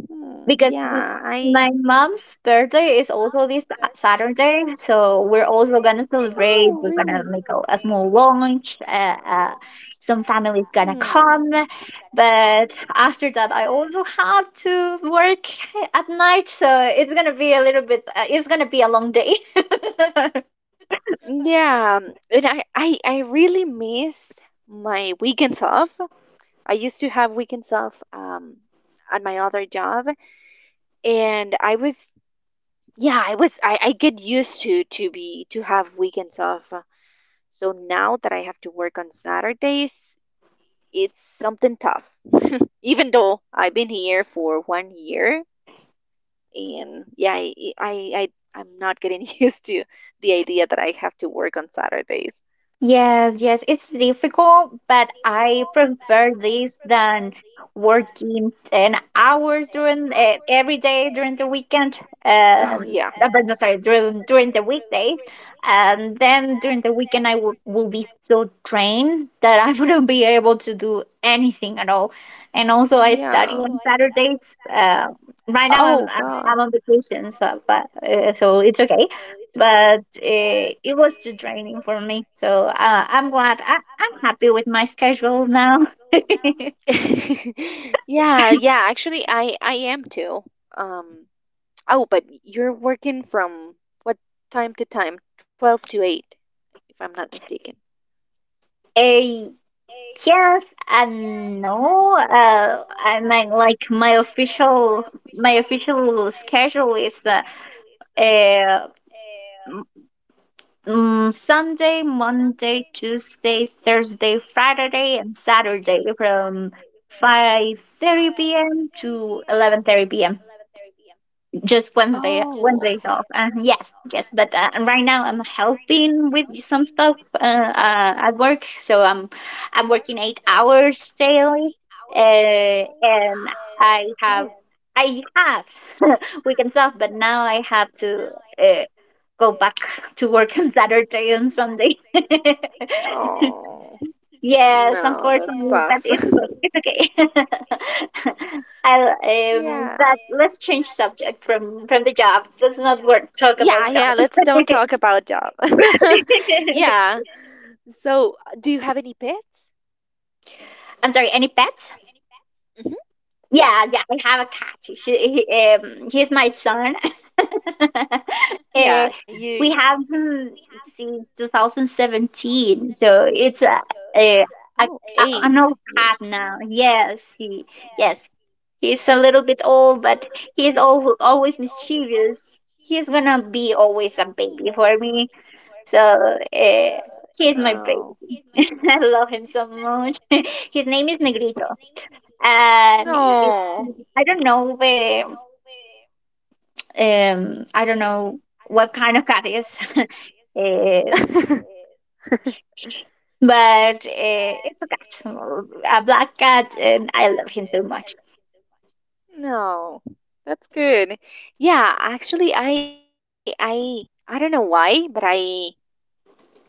[SPEAKER 2] mm,
[SPEAKER 1] because m-
[SPEAKER 2] yeah. I
[SPEAKER 1] my mom's birthday is also this Saturday, so we're also gonna celebrate.
[SPEAKER 2] oh
[SPEAKER 1] We're gonna
[SPEAKER 2] really?
[SPEAKER 1] make a, a small lunch. Uh, uh, some family's gonna
[SPEAKER 2] Mm.
[SPEAKER 1] come, but after that, I also have to work at night, so it's gonna be a little bit. Uh, it's gonna be a long day.
[SPEAKER 2] Yeah, and I, I I really miss my weekends off. I used to have weekends off, um, at my other job, and I was yeah, I was I, I get used to to be to have weekends off. So now that I have to work on Saturdays, it's something tough. Even though I've been here for one year, and yeah, I I, I I'm not getting used to the idea that I have to work on Saturdays.
[SPEAKER 1] Yes, yes, it's difficult, but I prefer this than working 10 hours during uh, every day during the weekend
[SPEAKER 2] Oh
[SPEAKER 1] and
[SPEAKER 2] yeah.
[SPEAKER 1] uh, but no, sorry, during during the weekdays. And then during the weekend I w- will be so drained that I wouldn't be able to do anything at all. And also I
[SPEAKER 2] Yeah.
[SPEAKER 1] study on Saturdays. Uh, right now I'm
[SPEAKER 2] Oh
[SPEAKER 1] I'm
[SPEAKER 2] right God.
[SPEAKER 1] I'm on vacation, so but uh, so it's okay, but it, it was too draining for me. So uh, I'm glad. I, I'm happy with my schedule now.
[SPEAKER 2] Yeah, yeah. Actually, I I am too. Um. Oh, but you're working from what time to time? Twelve to eight, if I'm not mistaken.
[SPEAKER 1] Eh, yes and no. Uh, I mean, like my official my official schedule is uh, uh, mm, Sunday, Monday, Tuesday, Thursday, Friday, and Saturday from five thirty p m to eleven thirty p m Just Wednesday
[SPEAKER 2] Oh, okay.
[SPEAKER 1] Wednesdays off. Uh, yes, yes. But uh, right now I'm helping with some stuff uh, uh, at work, so I'm I'm working eight hours daily, uh, and
[SPEAKER 2] Oh.
[SPEAKER 1] I have I have weekends off, but now I have to uh, go back to work on Saturday and Sunday.
[SPEAKER 2] Oh.
[SPEAKER 1] Yes,
[SPEAKER 2] No, that
[SPEAKER 1] unfortunately,
[SPEAKER 2] sucks.
[SPEAKER 1] but it's it's okay. I'll
[SPEAKER 2] Yeah.
[SPEAKER 1] um, but let's change subject from from the job. Let's not work talk
[SPEAKER 2] Yeah,
[SPEAKER 1] about
[SPEAKER 2] yeah, don't
[SPEAKER 1] job.
[SPEAKER 2] talk about job. Yeah. So, uh, do you have any pets?
[SPEAKER 1] I'm sorry. Any pets?
[SPEAKER 2] Hmm. Yeah.
[SPEAKER 1] Yeah, yeah. I have a cat. She, he, um, he's my son. Eh,
[SPEAKER 2] Yeah, you
[SPEAKER 1] we have him since twenty seventeen, so it's a a, a,
[SPEAKER 2] oh,
[SPEAKER 1] a
[SPEAKER 2] eight
[SPEAKER 1] an old
[SPEAKER 2] years.
[SPEAKER 1] cat now. Yes, he, yes, he's a little bit old, but he's al- always mischievous. He's gonna be always a baby for
[SPEAKER 2] Oh,
[SPEAKER 1] me. So uh,
[SPEAKER 2] um,
[SPEAKER 1] he's my baby.
[SPEAKER 2] oh,
[SPEAKER 1] I love him so much. His name is Negrito, and it,
[SPEAKER 2] no.
[SPEAKER 1] I don't know where. Um, I don't know what kind of cat is. Uh, but uh, it's a cat, a black cat, and I love him so much.
[SPEAKER 2] No, that's good. Yeah, actually, I, I, I don't know why, but I,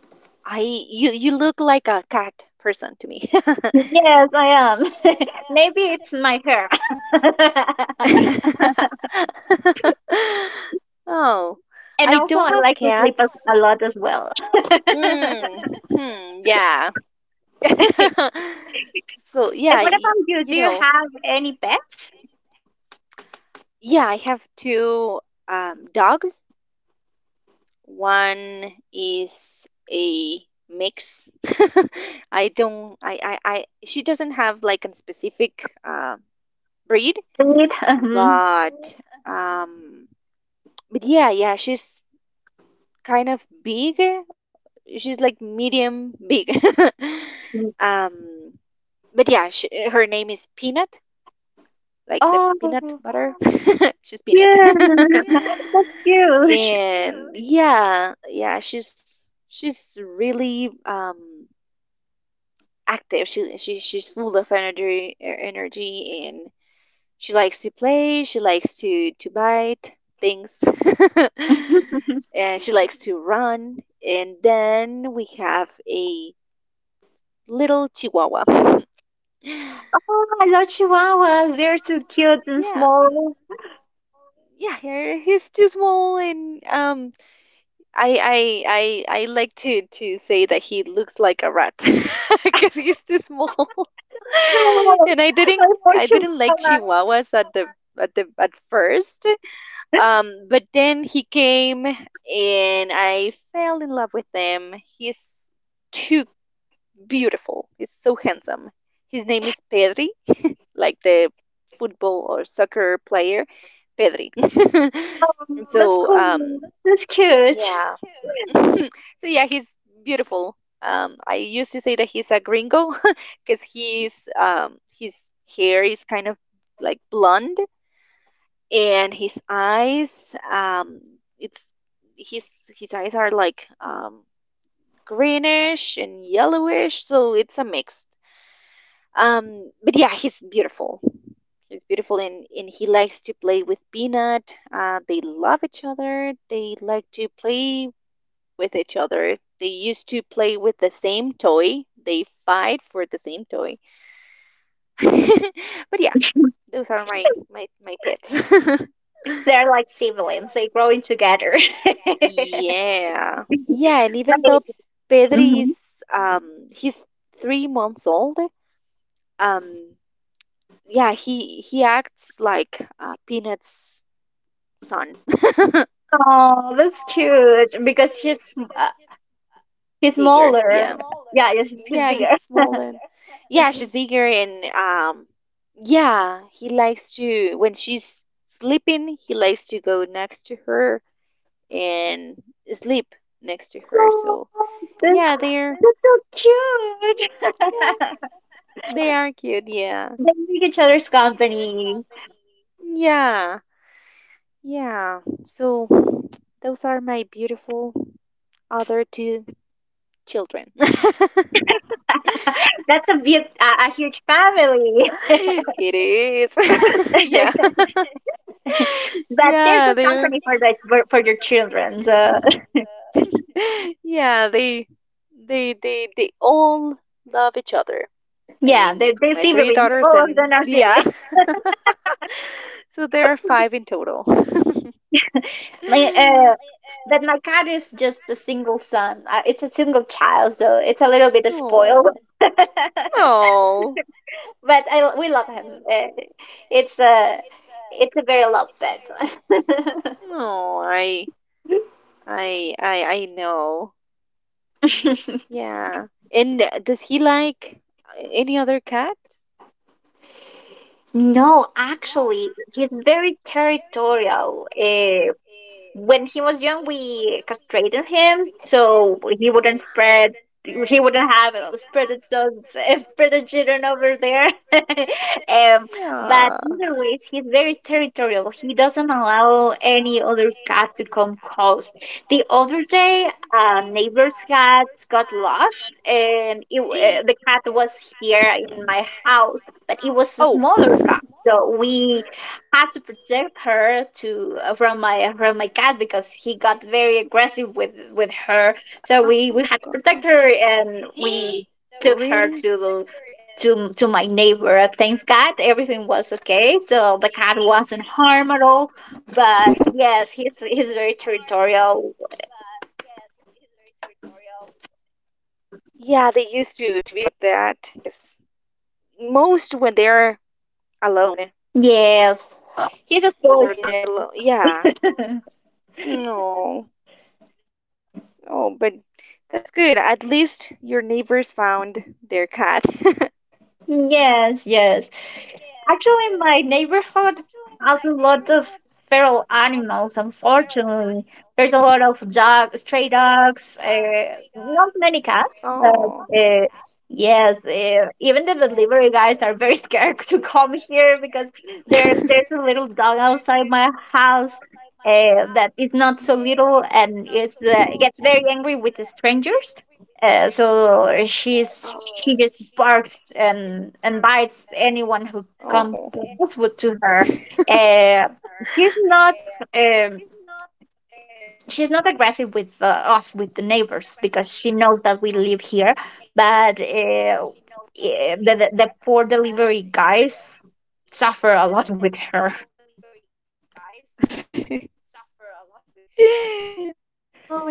[SPEAKER 2] I, you, you look like a cat person to me.
[SPEAKER 1] Yes, I am. Maybe it's my hair.
[SPEAKER 2] Oh,
[SPEAKER 1] And
[SPEAKER 2] I
[SPEAKER 1] also,
[SPEAKER 2] don't
[SPEAKER 1] I
[SPEAKER 2] have
[SPEAKER 1] like to sleep
[SPEAKER 2] cats.
[SPEAKER 1] a, a lot as well. and what
[SPEAKER 2] Mm, hmm, yeah. So yeah, y-
[SPEAKER 1] about you?
[SPEAKER 2] you
[SPEAKER 1] Do you
[SPEAKER 2] know,
[SPEAKER 1] have any pets?
[SPEAKER 2] yeah, I have two um, dogs. One is a mix. I don't I, I I she doesn't have like a specific uh breed,
[SPEAKER 1] Indeed. Mhm.
[SPEAKER 2] but um but yeah yeah she's kind of big, she's like medium big. um but yeah she, her name is Peanut, like the peanut
[SPEAKER 1] Oh,
[SPEAKER 2] butter. She's Peanut.
[SPEAKER 1] yeah, that's cute.
[SPEAKER 2] And yeah, yeah, she's she's really um active. She, she she's full of energy er, energy, and she likes to play, she likes to to bite things. and she likes to run. And then we have a little chihuahua.
[SPEAKER 1] Oh, I love chihuahuas. They're so cute
[SPEAKER 2] so
[SPEAKER 1] and
[SPEAKER 2] Yeah.
[SPEAKER 1] small.
[SPEAKER 2] Yeah, yeah, he's too small, and um, I I I I like to to say that he looks like a rat because he's too small.
[SPEAKER 1] That's cool.
[SPEAKER 2] and I
[SPEAKER 1] I
[SPEAKER 2] didn't
[SPEAKER 1] love
[SPEAKER 2] I didn't like
[SPEAKER 1] chihuahua.
[SPEAKER 2] chihuahuas at the at the at first, um, but then he came and I fell in love with him. He's too beautiful. He's so handsome. His name is Pedri, like the football or soccer player, Pedri.
[SPEAKER 1] Oh,
[SPEAKER 2] And
[SPEAKER 1] that's
[SPEAKER 2] so
[SPEAKER 1] cool.
[SPEAKER 2] um,
[SPEAKER 1] That's cute.
[SPEAKER 2] yeah. so yeah, he's beautiful. Um, I used to say that he's a gringo because he's um, his hair is kind of like blonde, and his eyes um, it's his his eyes are like um, greenish and yellowish, so it's a mix. um but yeah, he's beautiful. He's beautiful, and and he likes to play with peanut. Uh they love each other. They like to play with each other. They used to play with the same toy. They fight for the same toy, but yeah, those are my my my pets.
[SPEAKER 1] They're like siblings. They growing together.
[SPEAKER 2] yeah, yeah. And even though pedri
[SPEAKER 1] Like,
[SPEAKER 2] is um he's three months old. um yeah, he he acts like uh, peanut's son.
[SPEAKER 1] oh, that's cute because he's sm- uh, he's
[SPEAKER 2] bigger,
[SPEAKER 1] smaller.
[SPEAKER 2] yeah.
[SPEAKER 1] Yeah, yes, he's, he's
[SPEAKER 2] Yeah, he's
[SPEAKER 1] bigger.
[SPEAKER 2] smaller. yeah, she's bigger. And um yeah, he likes to, when she's sleeping, he likes to go next to her and sleep next to her.
[SPEAKER 1] Oh,
[SPEAKER 2] So
[SPEAKER 1] that's,
[SPEAKER 2] yeah, they're
[SPEAKER 1] that's so cute.
[SPEAKER 2] yeah, they are cute. Yeah,
[SPEAKER 1] They make each other's company.
[SPEAKER 2] yeah, yeah. So those are my beautiful other two children.
[SPEAKER 1] That's a big, a, a huge family.
[SPEAKER 2] it is. yeah.
[SPEAKER 1] But they're
[SPEAKER 2] Yeah,
[SPEAKER 1] good
[SPEAKER 2] they're
[SPEAKER 1] company for the for, for their children. So.
[SPEAKER 2] yeah, they they they they all love each other. I
[SPEAKER 1] Yeah,
[SPEAKER 2] mean,
[SPEAKER 1] they're, they're
[SPEAKER 2] my yeah, three, they're
[SPEAKER 1] siblings.
[SPEAKER 2] daughters
[SPEAKER 1] All
[SPEAKER 2] and
[SPEAKER 1] of them
[SPEAKER 2] really
[SPEAKER 1] are siblings.
[SPEAKER 2] smart. Yeah. so there are five in total.
[SPEAKER 1] My uh, but my cat is just a single son. Uh, it's a single child, so it's a little bit spoiled.
[SPEAKER 2] No. No.
[SPEAKER 1] But I we love him. Uh, It's a it's a very love pet.
[SPEAKER 2] No, I I I I know. Yeah. And does he like uh, any other cat?
[SPEAKER 1] No, actually, he's very territorial. Uh, when he was young we castrated him so he wouldn't spread he wouldn't have uh, spread it so uh, spread the children over there. um, but
[SPEAKER 2] Yeah.
[SPEAKER 1] either ways he's very territorial. He doesn't allow any other cat to come close. The other day a neighbor's cat got lost, and it, uh,
[SPEAKER 2] Eh.
[SPEAKER 1] the cat was here in my house, but it was a
[SPEAKER 2] Oh.
[SPEAKER 1] smaller cat, so we had to protect her to uh, from my from my cat because he got very aggressive with with
[SPEAKER 2] Oh
[SPEAKER 1] her. So we we had
[SPEAKER 2] gosh.
[SPEAKER 1] to protect her, and
[SPEAKER 2] Really?
[SPEAKER 1] we took her to to to my neighbor. Thanks God, everything was okay. So the cat wasn't harmed at all. But yes, he's he's very territorial.
[SPEAKER 2] Yeah, they used to to be like that. Yes. Most when they're alone
[SPEAKER 1] Yes, he's a
[SPEAKER 2] or where
[SPEAKER 1] spoiled
[SPEAKER 2] they're alone. Yeah.
[SPEAKER 1] child.
[SPEAKER 2] No. Oh, but that's good. At least your neighbors found their cat. There's
[SPEAKER 1] Yes, yes. Actually, my neighborhood has a lot of feral animals, unfortunately. There's a lot of dogs, stray dogs, uh, not many cats, but
[SPEAKER 2] oh.
[SPEAKER 1] uh, yes, uh, even the delivery guys are very scared to come here because there there's a little dog outside my house. Uh, that is not so little, and it's uh, it gets very angry with the strangers, uh, so she's
[SPEAKER 2] Wow.
[SPEAKER 1] she just barks and and bites anyone who comes
[SPEAKER 2] Oh.
[SPEAKER 1] with to her. Uh, she's not um, she's not aggressive with uh, us, with the neighbors, because she knows that we live here. But uh, eh, the, the the poor delivery guys suffer a lot with
[SPEAKER 2] with
[SPEAKER 1] her.
[SPEAKER 2] her. Oh my god, I imagine. Yeah.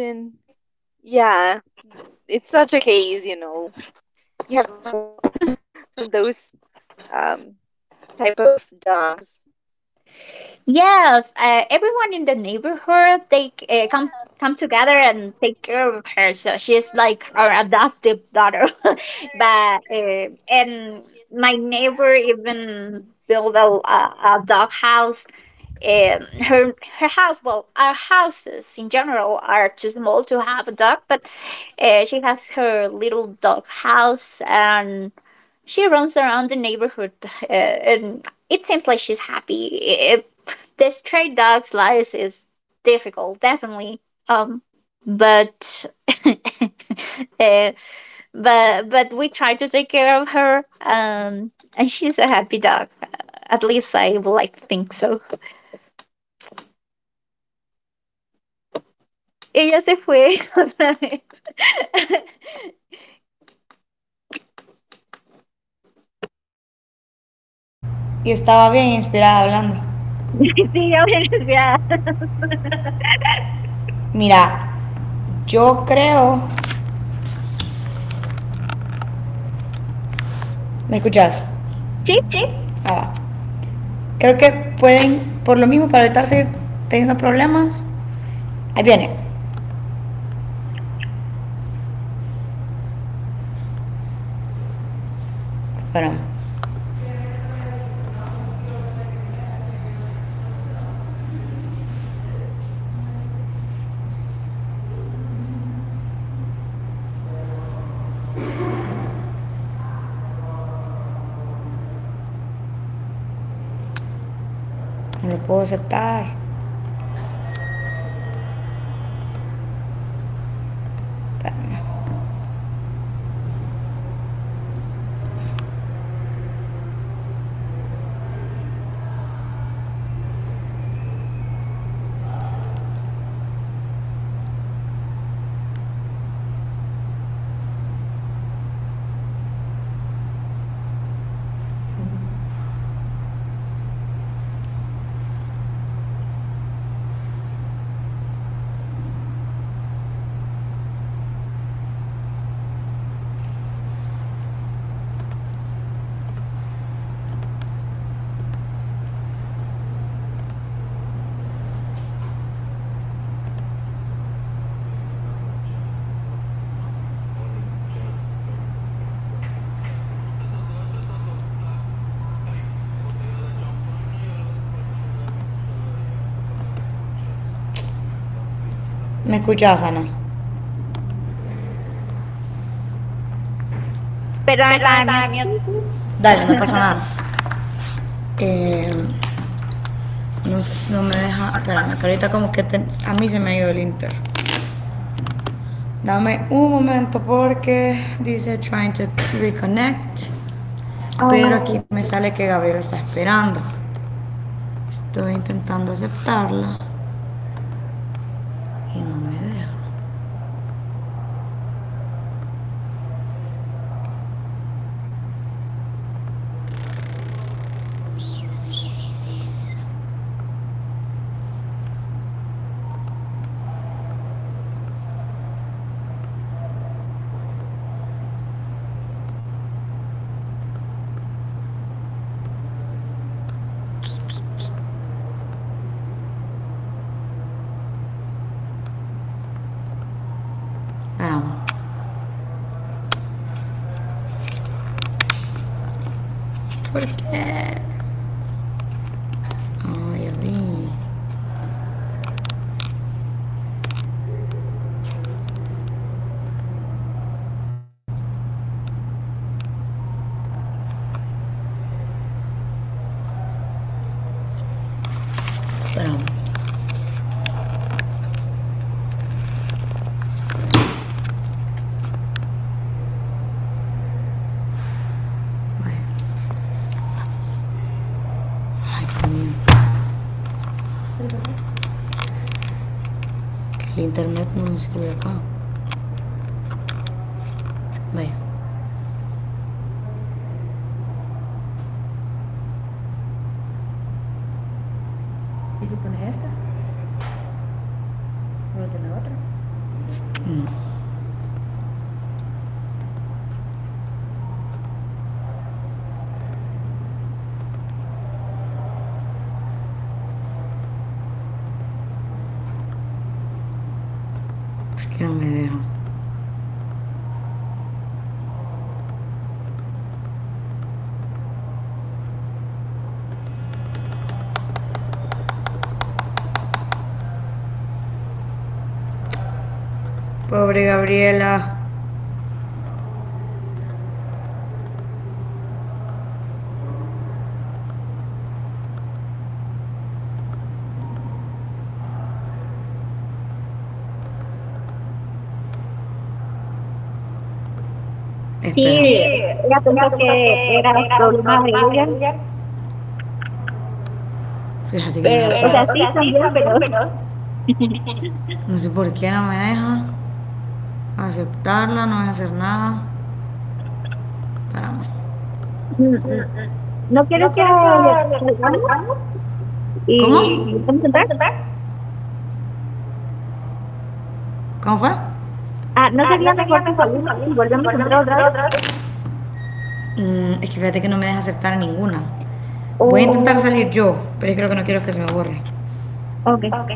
[SPEAKER 2] It's such a case, you know. You have to run away from from those um, type of dogs.
[SPEAKER 1] Yes, uh, everyone in the neighborhood they uh, come come together and take care of her. So she's like our adoptive daughter. but uh, and my neighbor even built a a, a dog house. Um, her her house, well, our houses in general are too small to have a dog, but uh, she has her little dog house, and she runs around the neighborhood, uh, and it seems like she's happy. It, the stray dog's life is difficult, definitely. Um, but uh, but but we try to take care of her, um, and she's a happy dog. At least I would like to think so. Ella se fue otra vez.
[SPEAKER 3] Y estaba bien inspirada hablando.
[SPEAKER 1] Sí, ya,
[SPEAKER 3] Mira, yo creo... ¿Me escuchas?
[SPEAKER 1] sí,
[SPEAKER 3] Sí, ah, va. Creo que pueden, por lo mismo, para evitar seguir teniendo problemas. Ahí viene. Espera, no lo puedo aceptar. ¿Me escuchas, Ana?
[SPEAKER 1] perdón,
[SPEAKER 3] Perdón,
[SPEAKER 1] estaba en
[SPEAKER 3] estaba en
[SPEAKER 1] mute.
[SPEAKER 3] mute. Dale, no pasa nada. Eh, No, no me deja. Espérame, que ahorita como que te- a mí se me ha ido el Inter. Dame un momento porque dice trying to reconnect.
[SPEAKER 1] Oh,
[SPEAKER 3] Pero
[SPEAKER 1] ok.
[SPEAKER 3] aquí me sale que Gabriela está esperando. Estoy intentando aceptarla y no me deja. Espérame. ¿Por qué? Ay, ya vi. Espérame. Vaya. Ay, Dios mío. El internet no me sirve acá. Vaya. ¿Por qué no me deja? Pobre Gabriela. Esperamos.
[SPEAKER 1] Sí,
[SPEAKER 3] Sí,
[SPEAKER 1] es ella pensó
[SPEAKER 3] ella pensó
[SPEAKER 1] que
[SPEAKER 3] que
[SPEAKER 1] eras
[SPEAKER 3] eran los
[SPEAKER 1] problema de
[SPEAKER 3] problemas de
[SPEAKER 1] ella,
[SPEAKER 3] ella. Fíjate que no la.
[SPEAKER 1] pero, o
[SPEAKER 3] Pero,
[SPEAKER 1] sea,
[SPEAKER 3] puedo. O
[SPEAKER 1] sí
[SPEAKER 3] sea, sí
[SPEAKER 1] también,
[SPEAKER 3] también,
[SPEAKER 1] pero
[SPEAKER 3] pero no sé por qué no me deja aceptarla, no voy a hacer nada. Para mm,
[SPEAKER 1] mm, mm,
[SPEAKER 3] mm.
[SPEAKER 1] no, que
[SPEAKER 3] ¿No quieres que le- le
[SPEAKER 1] salgamos
[SPEAKER 3] ¿Cómo?
[SPEAKER 1] y
[SPEAKER 3] ¿Y
[SPEAKER 1] nos vamos a
[SPEAKER 3] vamos
[SPEAKER 1] entrar,
[SPEAKER 3] a entrar? ¿Cómo fue? Ah, ¿no sería mejor que
[SPEAKER 1] vamos
[SPEAKER 3] salimos y
[SPEAKER 1] a
[SPEAKER 3] volvemos
[SPEAKER 1] entrar
[SPEAKER 3] a
[SPEAKER 1] otra vez,
[SPEAKER 3] entrar otra vez? Mm, es que fíjate que no me deja aceptar a ninguna. Voy a intentar
[SPEAKER 1] o
[SPEAKER 3] salir yo, pero es que lo que no quiero es que se me borre.
[SPEAKER 1] okay.
[SPEAKER 3] Ok.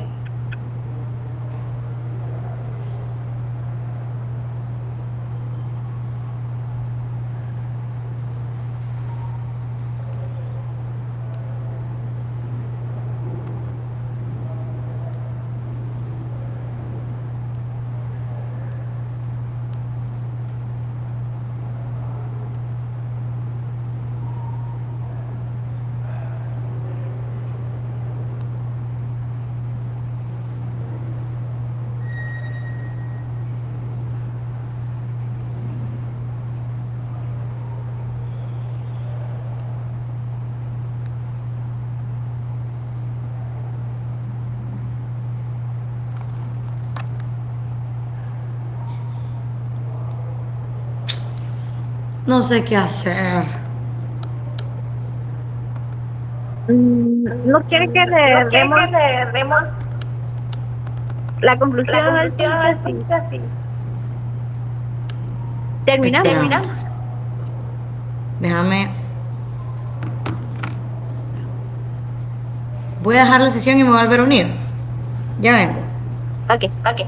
[SPEAKER 3] No sé qué hacer.
[SPEAKER 1] Mm, no quiere que
[SPEAKER 3] No
[SPEAKER 1] le
[SPEAKER 3] quiere que
[SPEAKER 1] demos
[SPEAKER 3] le demos
[SPEAKER 1] la
[SPEAKER 3] la
[SPEAKER 1] conclusión al
[SPEAKER 3] conclusión al
[SPEAKER 1] podcast y
[SPEAKER 3] podcast y
[SPEAKER 1] terminamos.
[SPEAKER 3] terminamos. Déjame. Voy a dejar la sesión y me voy a volver a unir. Ya vengo.
[SPEAKER 1] Ok.
[SPEAKER 3] Ok.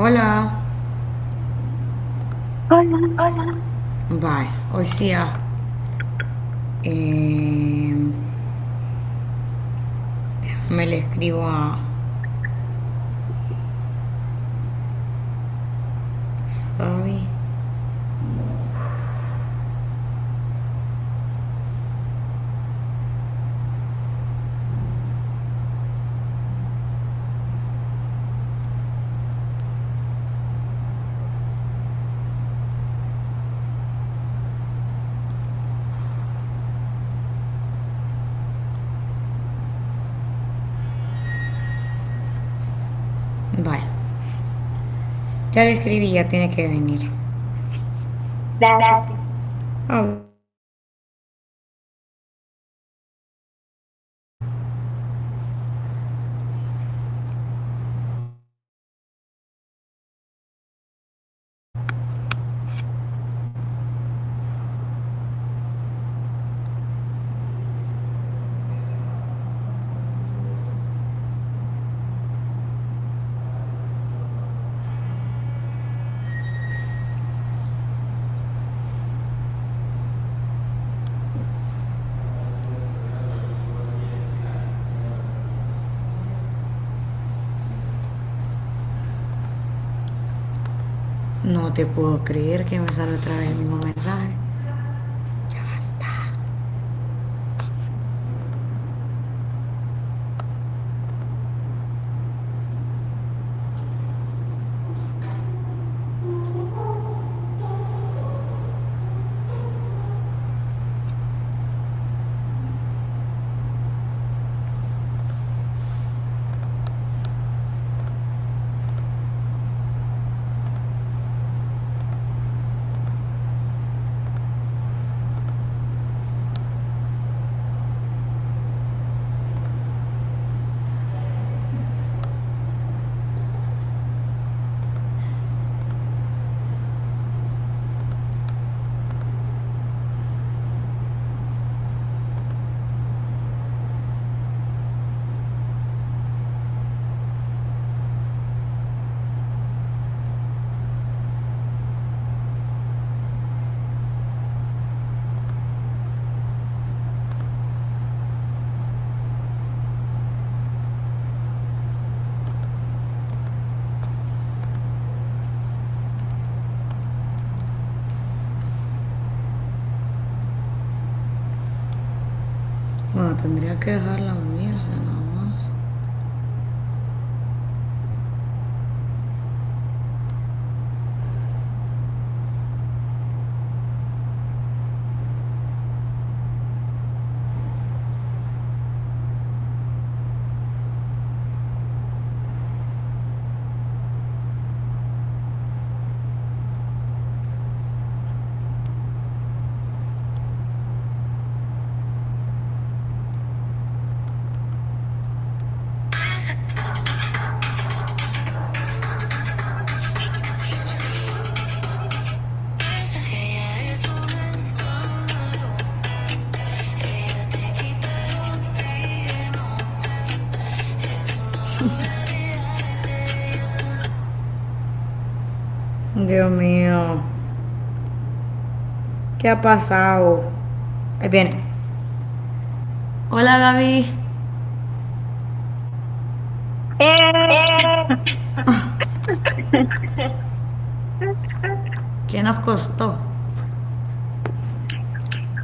[SPEAKER 3] Hola.
[SPEAKER 1] Hola,
[SPEAKER 3] Hola. Vale, hoy sí ah, eh, me le escribo a Javi. Vale, ya le escribí, ya tiene que venir.
[SPEAKER 1] gracias.
[SPEAKER 3] Gracias. A vos. No te puedo creer que me sale otra vez el mismo mensaje. Ya basta. Bueno, tendría que dejarla unirse nada más. Ella es un escándalo, ella te quita el oxígeno, es una. Dios mío. ¿Qué ha pasado? Ahí viene. Hola, Gaby.
[SPEAKER 2] ¿Me
[SPEAKER 1] Eh,
[SPEAKER 2] escuchan?
[SPEAKER 3] Eh, ¿Qué nos costó?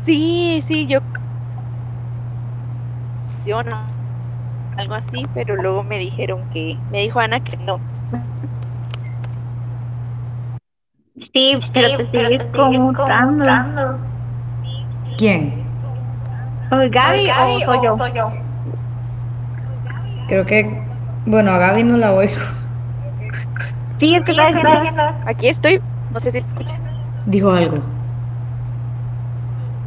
[SPEAKER 2] Sí, sí, yo creí que primero que otra vez era mi conexión o algo así, pero luego me dijeron que, me dijo Ana que no.
[SPEAKER 1] sí,
[SPEAKER 3] Sí,
[SPEAKER 1] pero te
[SPEAKER 3] pero te
[SPEAKER 1] sigues
[SPEAKER 3] sigues
[SPEAKER 1] conmutando.
[SPEAKER 3] conmutando. ¿Quién?
[SPEAKER 1] ¿O
[SPEAKER 3] ¿Es
[SPEAKER 1] Gaby o
[SPEAKER 3] Gaby
[SPEAKER 1] soy
[SPEAKER 3] o
[SPEAKER 1] yo?
[SPEAKER 3] soy yo? Creo que, bueno, a Gaby no la oigo.
[SPEAKER 2] Aquí
[SPEAKER 1] Sí,
[SPEAKER 2] estoy,
[SPEAKER 1] es que
[SPEAKER 3] Sí,
[SPEAKER 1] está
[SPEAKER 3] es que
[SPEAKER 2] no
[SPEAKER 3] está
[SPEAKER 1] diciendo.
[SPEAKER 2] sé si
[SPEAKER 3] diciendo
[SPEAKER 2] se
[SPEAKER 3] eso.
[SPEAKER 2] escucha.
[SPEAKER 3] Dijo algo.
[SPEAKER 2] ¿Hola?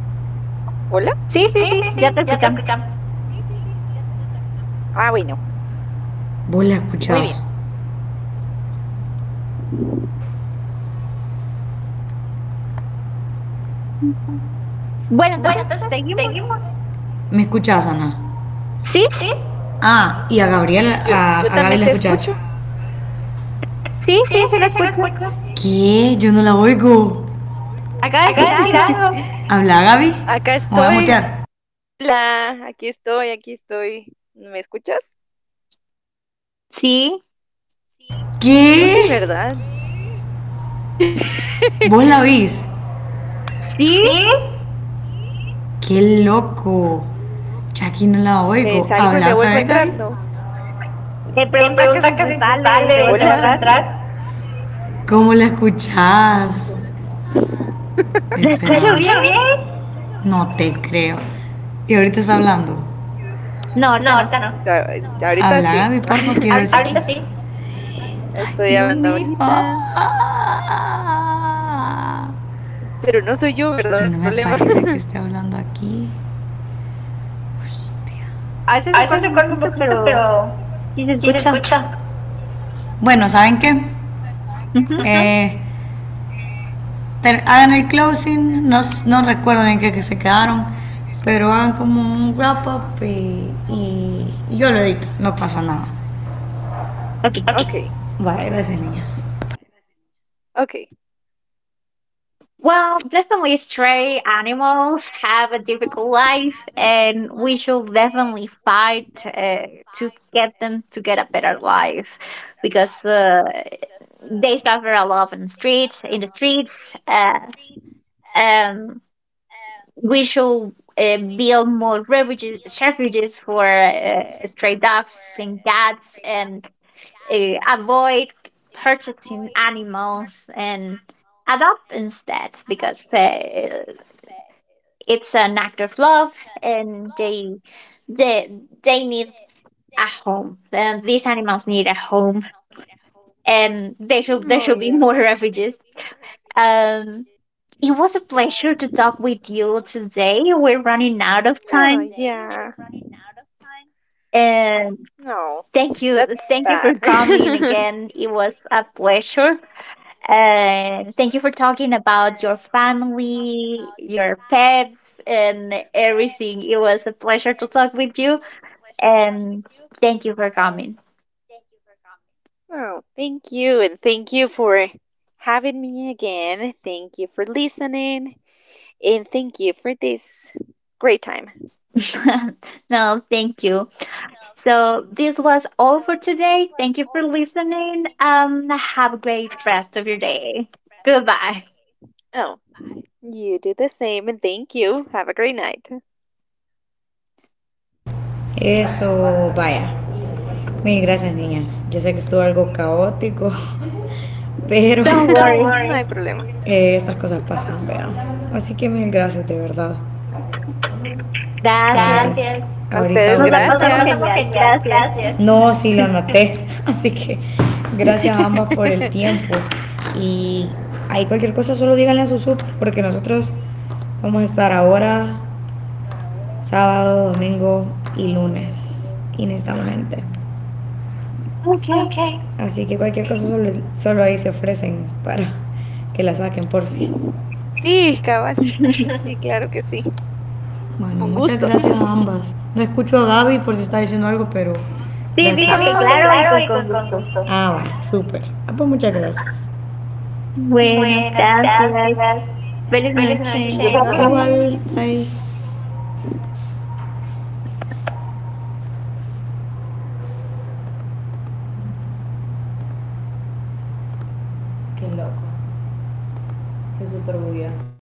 [SPEAKER 1] Sí, sí,
[SPEAKER 3] Sí,
[SPEAKER 1] sí,
[SPEAKER 3] sí,
[SPEAKER 1] ya
[SPEAKER 3] sí,
[SPEAKER 1] te
[SPEAKER 3] ya te
[SPEAKER 1] escuchamos.
[SPEAKER 3] escuchamos.
[SPEAKER 2] Ah, bueno,
[SPEAKER 3] Vos
[SPEAKER 2] muy
[SPEAKER 3] la
[SPEAKER 2] bien.
[SPEAKER 3] escuchás.
[SPEAKER 2] ¿Hola?
[SPEAKER 1] Bueno,
[SPEAKER 3] Bueno,
[SPEAKER 1] entonces
[SPEAKER 3] entonces,
[SPEAKER 1] seguimos.
[SPEAKER 3] ¿seguimos? ¿Me escuchás, Ana?
[SPEAKER 1] Sí,
[SPEAKER 3] Sí. Ah, y a Gabriel,
[SPEAKER 2] Yo,
[SPEAKER 3] a, a
[SPEAKER 2] yo
[SPEAKER 3] Gaby la
[SPEAKER 2] también te
[SPEAKER 3] escuchás.
[SPEAKER 2] escucho.
[SPEAKER 1] sí, sí,
[SPEAKER 3] Sí,
[SPEAKER 1] sí
[SPEAKER 3] sí,
[SPEAKER 1] la
[SPEAKER 3] sí, la
[SPEAKER 1] escucho.
[SPEAKER 3] escucho. ¿Qué? Yo no la oigo.
[SPEAKER 1] Acaba de decir
[SPEAKER 3] Acaba de decir
[SPEAKER 1] algo.
[SPEAKER 3] algo. Habla Gaby. Me
[SPEAKER 2] Acá
[SPEAKER 3] voy a mutear.
[SPEAKER 2] estoy. Hola, aquí estoy, aquí estoy. ¿Me escuchas?
[SPEAKER 1] ¿Sí?
[SPEAKER 2] Tú
[SPEAKER 3] ¿Qué?
[SPEAKER 2] sí, ¿verdad?
[SPEAKER 3] ¿Vos la oís?
[SPEAKER 1] Sí,
[SPEAKER 3] ¿Sí? ¡Qué loco! Ya aquí no la
[SPEAKER 2] Me
[SPEAKER 3] oigo.
[SPEAKER 2] salgo
[SPEAKER 3] ¿Habla
[SPEAKER 2] me
[SPEAKER 3] otra
[SPEAKER 2] vuelvo
[SPEAKER 3] vez,
[SPEAKER 2] a
[SPEAKER 3] Gaby?
[SPEAKER 2] entrar, ¿no?
[SPEAKER 1] me
[SPEAKER 3] Eh,
[SPEAKER 1] pregunta que si
[SPEAKER 3] pregunta que
[SPEAKER 1] se
[SPEAKER 3] si se
[SPEAKER 1] sale y se
[SPEAKER 2] Hola.
[SPEAKER 3] sale y
[SPEAKER 1] vuelve
[SPEAKER 3] se
[SPEAKER 1] a
[SPEAKER 3] vuelve a
[SPEAKER 1] entrar.
[SPEAKER 3] entrar. ¿Cómo la escuchás?
[SPEAKER 1] ¿La
[SPEAKER 3] Espera.
[SPEAKER 1] escucho
[SPEAKER 3] ¿La
[SPEAKER 1] bien?
[SPEAKER 3] Espera, ¿bien? No te creo. Y ahorita está hablando.
[SPEAKER 1] No,
[SPEAKER 3] No,
[SPEAKER 1] ahorita no.
[SPEAKER 3] ahorita no.
[SPEAKER 2] Sa- Ahorita
[SPEAKER 3] Habla
[SPEAKER 2] sí.
[SPEAKER 3] Gaby, porfa, quiero ver si.
[SPEAKER 1] Ahorita sí.
[SPEAKER 3] Ahorita quiero... sí. Ay,
[SPEAKER 2] Estoy
[SPEAKER 3] Dios
[SPEAKER 2] hablando
[SPEAKER 3] mío.
[SPEAKER 2] ahorita.
[SPEAKER 3] Ah.
[SPEAKER 2] Pero no soy yo,
[SPEAKER 3] ¿Y
[SPEAKER 2] ¿verdad?
[SPEAKER 3] quién no
[SPEAKER 2] El
[SPEAKER 3] me
[SPEAKER 2] problema.
[SPEAKER 3] parece que esté hablando aquí?
[SPEAKER 1] A veces
[SPEAKER 3] A
[SPEAKER 1] se
[SPEAKER 3] veces
[SPEAKER 1] corta
[SPEAKER 3] se
[SPEAKER 1] un
[SPEAKER 3] corta un
[SPEAKER 1] poquito,
[SPEAKER 3] poquito,
[SPEAKER 1] pero
[SPEAKER 3] pero
[SPEAKER 1] sí se
[SPEAKER 3] sí se
[SPEAKER 1] escucha.
[SPEAKER 3] escucha. Bueno, ¿saben qué? Uh-huh.
[SPEAKER 1] Ujú.
[SPEAKER 3] Eh, ter- Hagan el closing, no, no recuerdo bien que, que se quedaron, pero hagan como un wrap up y, y- y yo lo edito, no pasa nada.
[SPEAKER 1] Okay.
[SPEAKER 3] Ok.
[SPEAKER 2] ok,
[SPEAKER 3] Vale, gracias, niñas.
[SPEAKER 2] ok.
[SPEAKER 1] Well, definitely stray animals have a difficult life, and we should definitely fight uh, to get them to get a better life because uh, they suffer a lot in streets, in the streets, uh, um, we should uh, build more refuges, refuges for uh, stray dogs and cats, and uh, avoid purchasing animals and adopt instead because uh, it's an act of love, and they they they need a home, and these animals need a home, and they should there should be more
[SPEAKER 2] Oh,
[SPEAKER 1] refuges.
[SPEAKER 2] yeah.
[SPEAKER 1] um it was a pleasure to talk with you today. We're running out of
[SPEAKER 2] Oh,
[SPEAKER 1] time.
[SPEAKER 2] yeah.
[SPEAKER 1] And
[SPEAKER 2] No,
[SPEAKER 1] thank you.
[SPEAKER 2] that's
[SPEAKER 1] Thank you
[SPEAKER 2] bad.
[SPEAKER 1] for coming
[SPEAKER 2] Thank
[SPEAKER 1] again. It was a pleasure. And thank you for talking about your family, your pets, and everything. It was a pleasure to talk with you. And thank you for coming.
[SPEAKER 2] oh, thank you, and thank you for having me again. Thank you for listening, and thank you for this great time.
[SPEAKER 1] No, thank you. So this was all for today. Thank you for listening. Um, have a great rest of your day. Goodbye.
[SPEAKER 2] Oh, you do the same, and thank you. Have a great night.
[SPEAKER 3] Eso, vaya. Mil gracias, niñas. Yo sé que estuvo algo caótico, pero...
[SPEAKER 1] Don't
[SPEAKER 3] Don't
[SPEAKER 2] no
[SPEAKER 1] worry.
[SPEAKER 2] hay
[SPEAKER 3] worry.
[SPEAKER 2] problema.
[SPEAKER 3] Eh, estas cosas pasan, vean. Así que mil gracias, de verdad.
[SPEAKER 2] Ok.
[SPEAKER 1] Gracias.
[SPEAKER 3] Gracias.
[SPEAKER 2] A
[SPEAKER 3] Ahorita,
[SPEAKER 2] ustedes,
[SPEAKER 3] ahorita
[SPEAKER 1] Nos
[SPEAKER 3] voy a
[SPEAKER 1] la
[SPEAKER 3] editar. Nos la
[SPEAKER 1] pasamos
[SPEAKER 2] gracias.
[SPEAKER 3] pasamos
[SPEAKER 1] genial.
[SPEAKER 3] genial.
[SPEAKER 1] Gracias.
[SPEAKER 3] Gracias. No, sí lo noté. Así que gracias a ambas por el tiempo. Y ahí cualquier cosa solo díganle a su sub, porque nosotros vamos a estar ahora, sábado, domingo y lunes. Y necesitamos gente.
[SPEAKER 1] Okay.
[SPEAKER 3] Okay.
[SPEAKER 2] Ay,
[SPEAKER 3] Así que cualquier cosa solo, solo ahí se ofrecen para que la saquen, porfis.
[SPEAKER 2] sí, cabal. Sí, claro que sí. Con gusto.
[SPEAKER 3] Bueno, muchas gracias a ambas. No escucho a Gaby por si está diciendo algo, pero
[SPEAKER 1] Sí,
[SPEAKER 3] gracias. Sí,
[SPEAKER 1] dijo que
[SPEAKER 2] Ay,
[SPEAKER 3] dijo que
[SPEAKER 1] claro y que
[SPEAKER 3] claro y
[SPEAKER 1] con
[SPEAKER 3] con, con
[SPEAKER 1] gusto.
[SPEAKER 3] gusto. Ah, va, súper. Ah, pues muchas gracias.
[SPEAKER 1] Bueno,
[SPEAKER 3] Bueno,
[SPEAKER 2] no.
[SPEAKER 1] gracias.
[SPEAKER 3] gracias.
[SPEAKER 1] Feliz
[SPEAKER 3] Feliz
[SPEAKER 2] Feliz
[SPEAKER 1] noche.
[SPEAKER 3] noche.
[SPEAKER 2] noche.
[SPEAKER 3] Igual, bye. Qué loco. Se super bugueó.